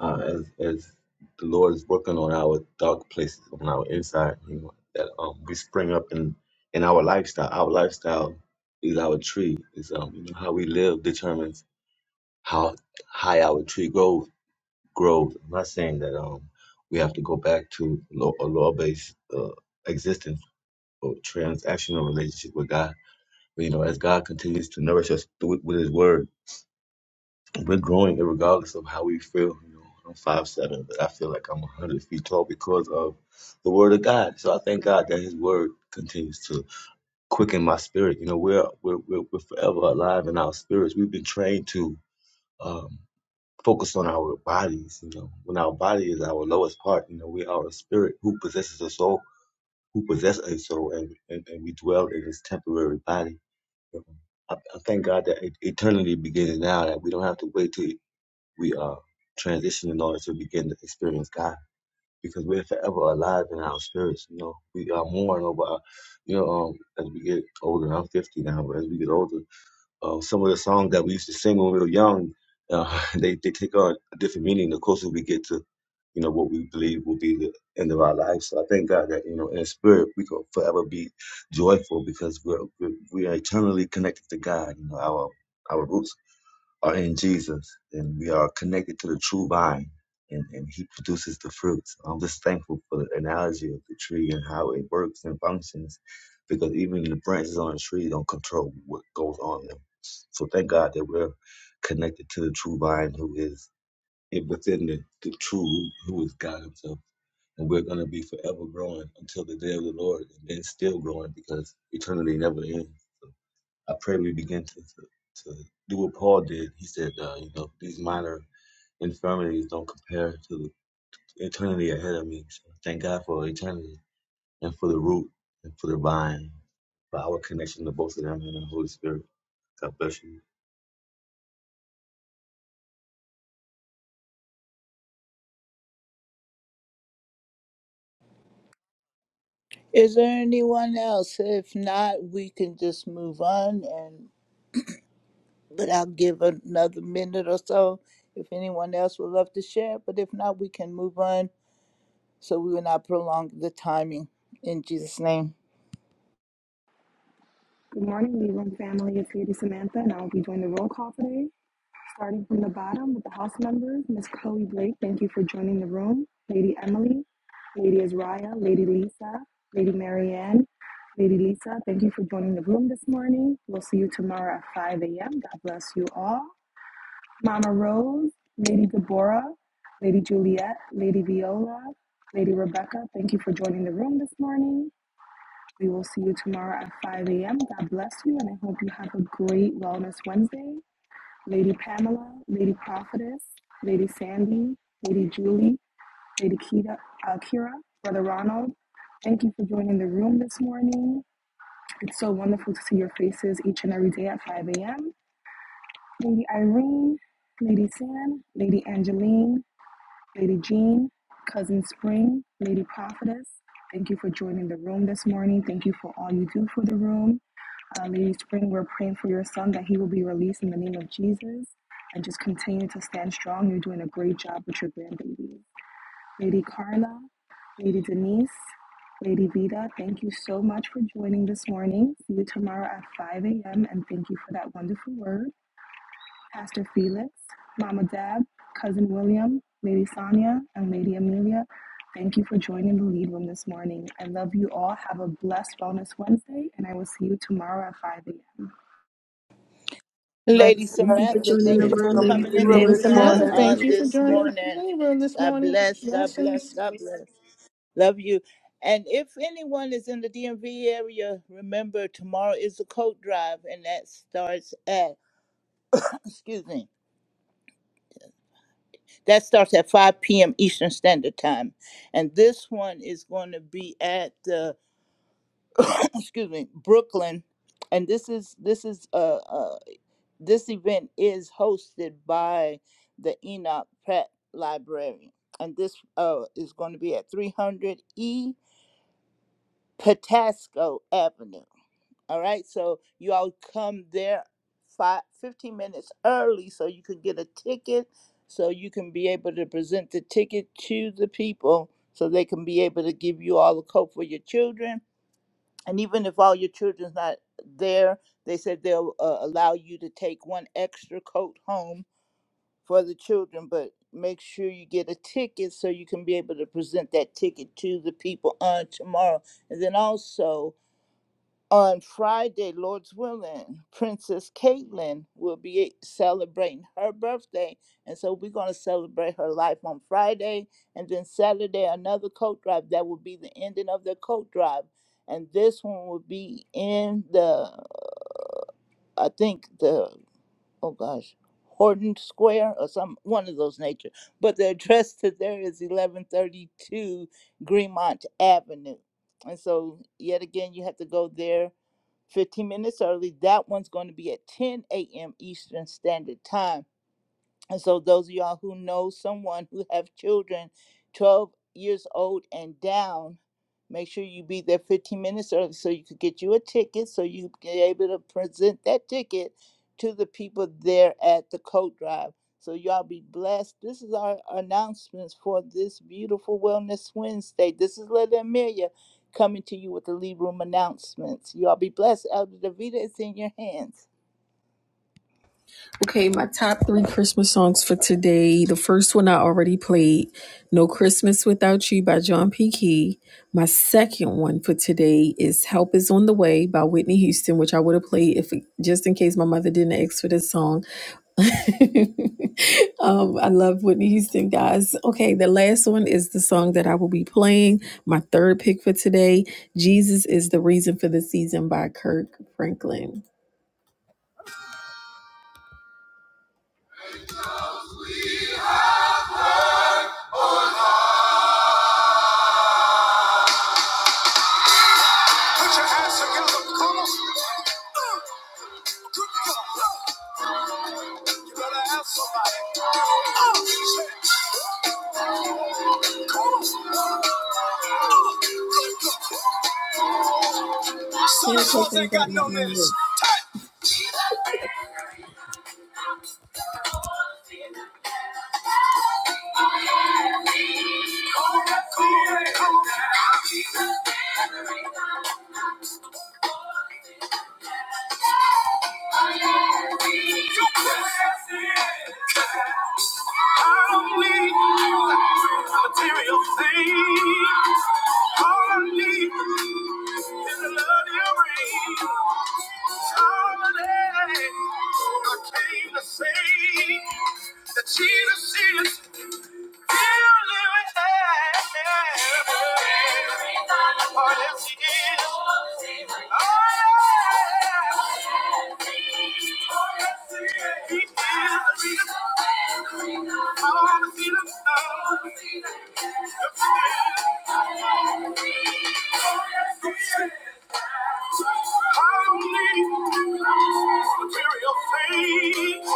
[SPEAKER 4] uh, as, as the Lord is working on our dark places, on our inside, you know, that um, we spring up in, in our lifestyle. Our lifestyle is our tree. Is um, you know, how we live determines how high our tree grows Growth. I'm not saying that um we have to go back to law, a law-based uh, existence or transactional relationship with God. But, you know, as God continues to nourish us through, with His Word, we're growing regardless of how we feel. You know, I'm five seven, but I feel like I'm 100 feet tall because of the Word of God. So I thank God that His Word continues to quicken my spirit. You know, we're we're we're, we're forever alive in our spirits. We've been trained to. um focused on our bodies, you know. When our body is our lowest part, you know, we are a spirit who possesses a soul, who possesses a soul, and, and, and we dwell in this temporary body. You know. I, I thank God that e- eternity begins now, that we don't have to wait till we uh, transition in order to begin to experience God. Because we're forever alive in our spirits, you know. We are more and over, our- you know, um, as we get older. I'm 50 now, but as we get older, uh, some of the songs that we used to sing when we were young, uh, they, they take on a different meaning the closer we get to, you know, what we believe will be the end of our life. So I thank God that, you know, in spirit, we can forever be joyful because we're, we're, we are eternally connected to God. You know, our, our roots are in Jesus, and we are connected to the true vine, and, and He produces the fruits. I'm just thankful for the analogy of the tree and how it works and functions, because even the branches on the tree don't control what goes on them. So thank God that we're connected to the true vine, who is in- within the, the true root, who is God Himself. And we're going to be forever growing until the day of the Lord, and then still growing because eternity never ends. I pray we begin to, to, to do what Paul did. He said, uh, you know, these minor infirmities don't compare to the eternity ahead of me. So thank God for eternity and for the root and for the vine, for our connection to both of them and the Holy Spirit. God bless you.
[SPEAKER 1] Is there anyone else? If not, we can just move on and but I'll give another minute or so if anyone else would love to share. But if not, we can move on so we will not prolong the timing. In Jesus' name.
[SPEAKER 15] Good morning, Leland family. It's Lady Samantha, and I'll be doing the roll call today. Starting from the bottom with the House members, Miss Chloe Blake, thank you for joining the room. Lady Emily, Lady Azraya, Lady Lisa, Lady Marianne, Lady Lisa, thank you for joining the room this morning. We'll see you tomorrow at 5 a.m. God bless you all. Mama Rose, Lady Deborah, Lady Juliet, Lady Viola, Lady Rebecca, thank you for joining the room this morning. We will see you tomorrow at 5 a.m. God bless you, and I hope you have a great Wellness Wednesday. Lady Pamela, Lady Prophetess, Lady Sandy, Lady Julie, Lady Kita, uh, Kira, Brother Ronald, thank you for joining the room this morning. It's so wonderful to see your faces each and every day at 5 a.m. Lady Irene, Lady San, Lady Angeline, Lady Jean, Cousin Spring, Lady Prophetess, thank you for joining the room this morning. Thank you for all you do for the room. Uh, Lady Spring, we're praying for your son that he will be released in the name of Jesus and just continue to stand strong. You're doing a great job with your grandbaby. Lady Carla, Lady Denise, Lady Vida, thank you so much for joining this morning. See you tomorrow at 5 a.m. and thank you for that wonderful word. Pastor Felix, Mama Deb, Cousin William, Lady Sonia, and Lady Amelia. Thank you for joining the lead room this morning. I love you all. Have a blessed Wellness Wednesday, and I will see you tomorrow at 5 a.m.
[SPEAKER 1] Lady
[SPEAKER 12] Thank you for
[SPEAKER 1] Samantha,
[SPEAKER 12] joining the
[SPEAKER 1] thank you
[SPEAKER 14] Lady
[SPEAKER 1] for
[SPEAKER 12] room,
[SPEAKER 14] Samantha,
[SPEAKER 12] Lady
[SPEAKER 1] coming into
[SPEAKER 14] thank
[SPEAKER 11] Lady
[SPEAKER 14] you.
[SPEAKER 1] this
[SPEAKER 12] Samantha.
[SPEAKER 1] room
[SPEAKER 11] Samantha, thank
[SPEAKER 1] on
[SPEAKER 14] And
[SPEAKER 11] you for
[SPEAKER 1] this
[SPEAKER 14] we
[SPEAKER 11] joining the
[SPEAKER 1] morning.
[SPEAKER 11] labor this
[SPEAKER 1] God
[SPEAKER 11] morning.
[SPEAKER 1] bless, God bless,
[SPEAKER 11] Blessings.
[SPEAKER 1] God bless. Love you. And if anyone is in the DMV area, remember tomorrow is the coat drive, and that starts at excuse me, that starts at 5 p.m. Eastern Standard Time. And this one is going to be at the excuse me Brooklyn, and this is this is uh, uh This event is hosted by the Enoch Pratt Library, and this uh, is going to be at 300 E Patasco Avenue. All right, so you all come there five, fifteen minutes early so you can get a ticket, so you can be able to present the ticket to the people so they can be able to give you all the coat for your children. And even if all your children's not there, they said they'll uh, allow you to take one extra coat home for the children, but make sure you get a ticket so you can be able to present that ticket to the people on tomorrow. And then also on Friday, Lord's willing, Princess Caitlin will be celebrating her birthday. And so we're going to celebrate her life on Friday. And then Saturday, another coat drive. That will be the ending of the coat drive. And this one will be in the, I think, the oh gosh, Horton Square or some one of those nature. But the address to there is eleven thirty two Greenmont Avenue. And so yet again you have to go there fifteen minutes early. That one's going to be at ten AM Eastern Standard Time and so those of y'all who know someone who have children 12 years old and down, make sure you be there 15 minutes early so you could get you a ticket so you be able to present that ticket to the people there at the coat drive. So y'all be blessed. This is our announcements for this beautiful Wellness Wednesday. This is Lady Amelia coming to you with the lead room announcements. Y'all be blessed. Elder Davita is in your hands.
[SPEAKER 12] Okay, my top three Christmas songs for today. The first one I already played, No Christmas Without You by John P. Key. My second one for today is Help Is On The Way by Whitney Houston, which I would have played if just in case my mother didn't ask for this song. um, I love Whitney Houston, guys. Okay, the last one is the song that I will be playing. My third pick for today, Jesus is the Reason for the Season by Kirk Franklin. Put your hands together. Come on. Uh, Good God. You better have somebody. Uh, Uh, Some of us ain't got no minutes. I don't need material things. All I need is a love you bring. Holiday, I came to say that Jesus is still living there. Oh, yes, he is. Oh, yes. He is the reason. All the feelings of the feeling. I don't need material things.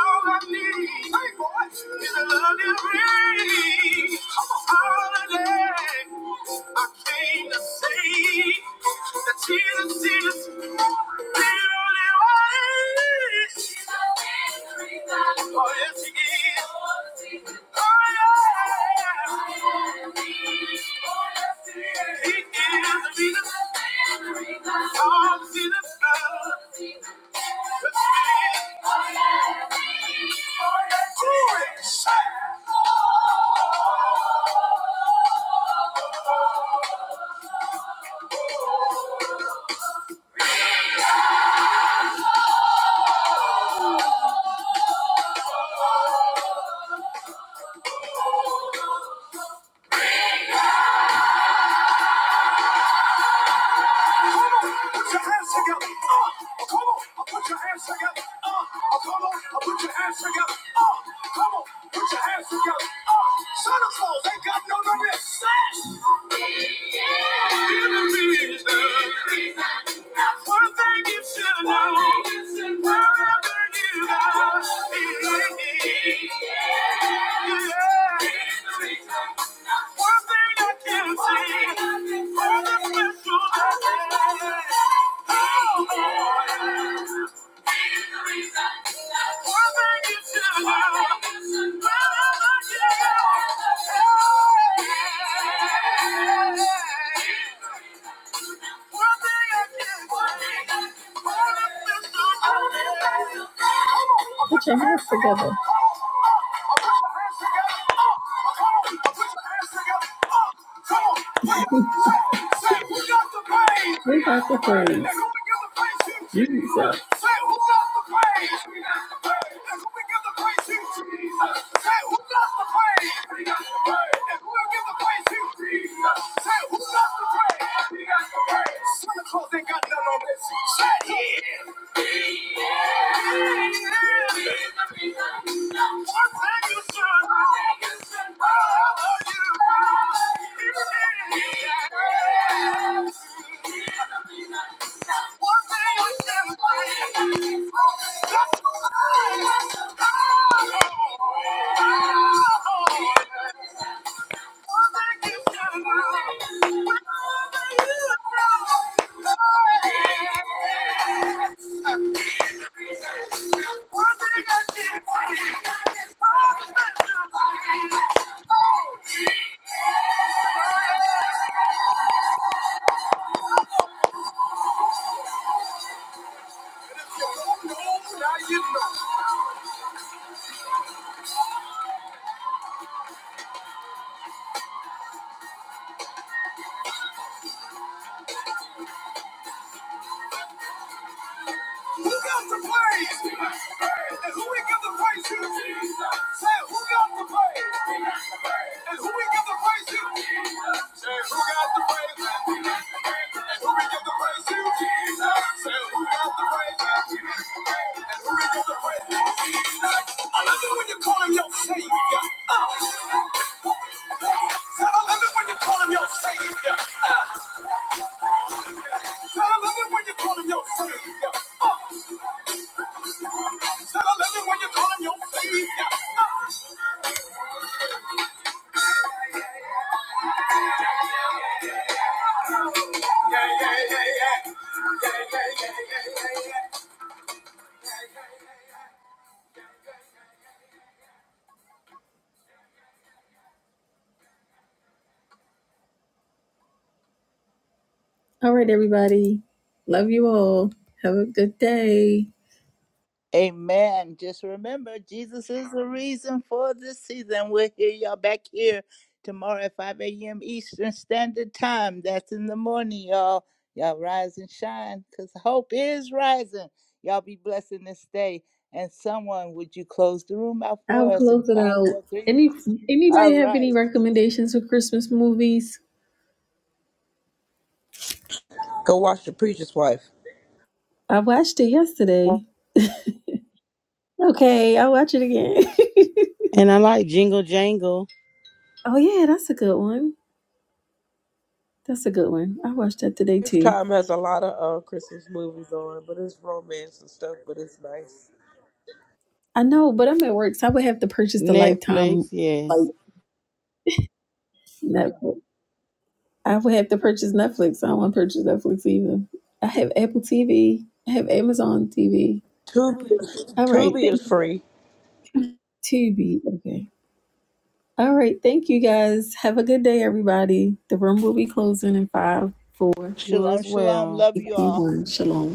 [SPEAKER 12] All I need hey, is a loving ring. Holiday, I came to say that Jesus is Oh, yes, he is. Oh, yeah. He is the reason. Oh, see the sun. The sun. Oh, yes, he is. Oh, yes, he is. Put your hands together. Uh, come on, put your hands together. Uh, come on, put your hands together. Uh, come on, put your hands together. Uh, Santa Claus ain't got no number. One thing you should know, wherever you go, yeah, yeah. Yeah. Put your hands together. We got the pain praise. Jesus. Say, now you know. Who got the praise? And who we give the praise to? Say, who got the praise? And who we give the praise to? Say, who got the praise? And who we give the praise to? Say, who got the praise? And who we give the praise to? I love it when you call him your savior. Uh. I love it when you call him your savior. I love it when you call him your savior. I love it when you call him your baby. Yeah, yeah, yeah, yeah. Yeah, yeah, yeah, yeah, yeah, yeah. All right, everybody. Love you all. Have a good day.
[SPEAKER 1] Amen. Just remember, Jesus is the reason for this season. We'll hear y'all back here tomorrow at 5 a.m. Eastern Standard Time. That's in the morning, y'all. Y'all rise and shine because hope is rising. Y'all be blessing this day. And someone, would you close the room out
[SPEAKER 12] I'll
[SPEAKER 1] for us in
[SPEAKER 12] close it
[SPEAKER 1] five,
[SPEAKER 12] out.
[SPEAKER 1] four, three?
[SPEAKER 12] Any anybody
[SPEAKER 1] All
[SPEAKER 12] have any
[SPEAKER 1] right.
[SPEAKER 12] recommendations for Christmas movies?
[SPEAKER 5] Go watch The Preacher's Wife.
[SPEAKER 12] I watched it yesterday. Okay, I'll watch it again.
[SPEAKER 9] And I like Jingle Jangle,
[SPEAKER 12] oh yeah, that's a good one. That's a good one. I watched that today too.
[SPEAKER 5] Lifetime has a lot of uh, Christmas movies on, but it's romance and stuff, but it's nice.
[SPEAKER 12] I know, but I'm at work, so I would have to purchase the
[SPEAKER 9] Netflix,
[SPEAKER 12] lifetime like
[SPEAKER 9] yes.
[SPEAKER 12] Netflix. I would have to purchase Netflix. I don't want to purchase Netflix either. I have Apple TV. I have Amazon TV.
[SPEAKER 5] Tubi is,
[SPEAKER 12] All right,
[SPEAKER 5] Tubi
[SPEAKER 12] thank
[SPEAKER 5] is
[SPEAKER 12] you.
[SPEAKER 5] free.
[SPEAKER 12] Tubi. Okay. All right, thank you guys. Have a good day, everybody. The room will be closing in five, four, three,
[SPEAKER 9] You as
[SPEAKER 1] Shalom, shalom.
[SPEAKER 9] well.
[SPEAKER 1] Love you
[SPEAKER 12] two,
[SPEAKER 1] all.
[SPEAKER 12] one. Shalom.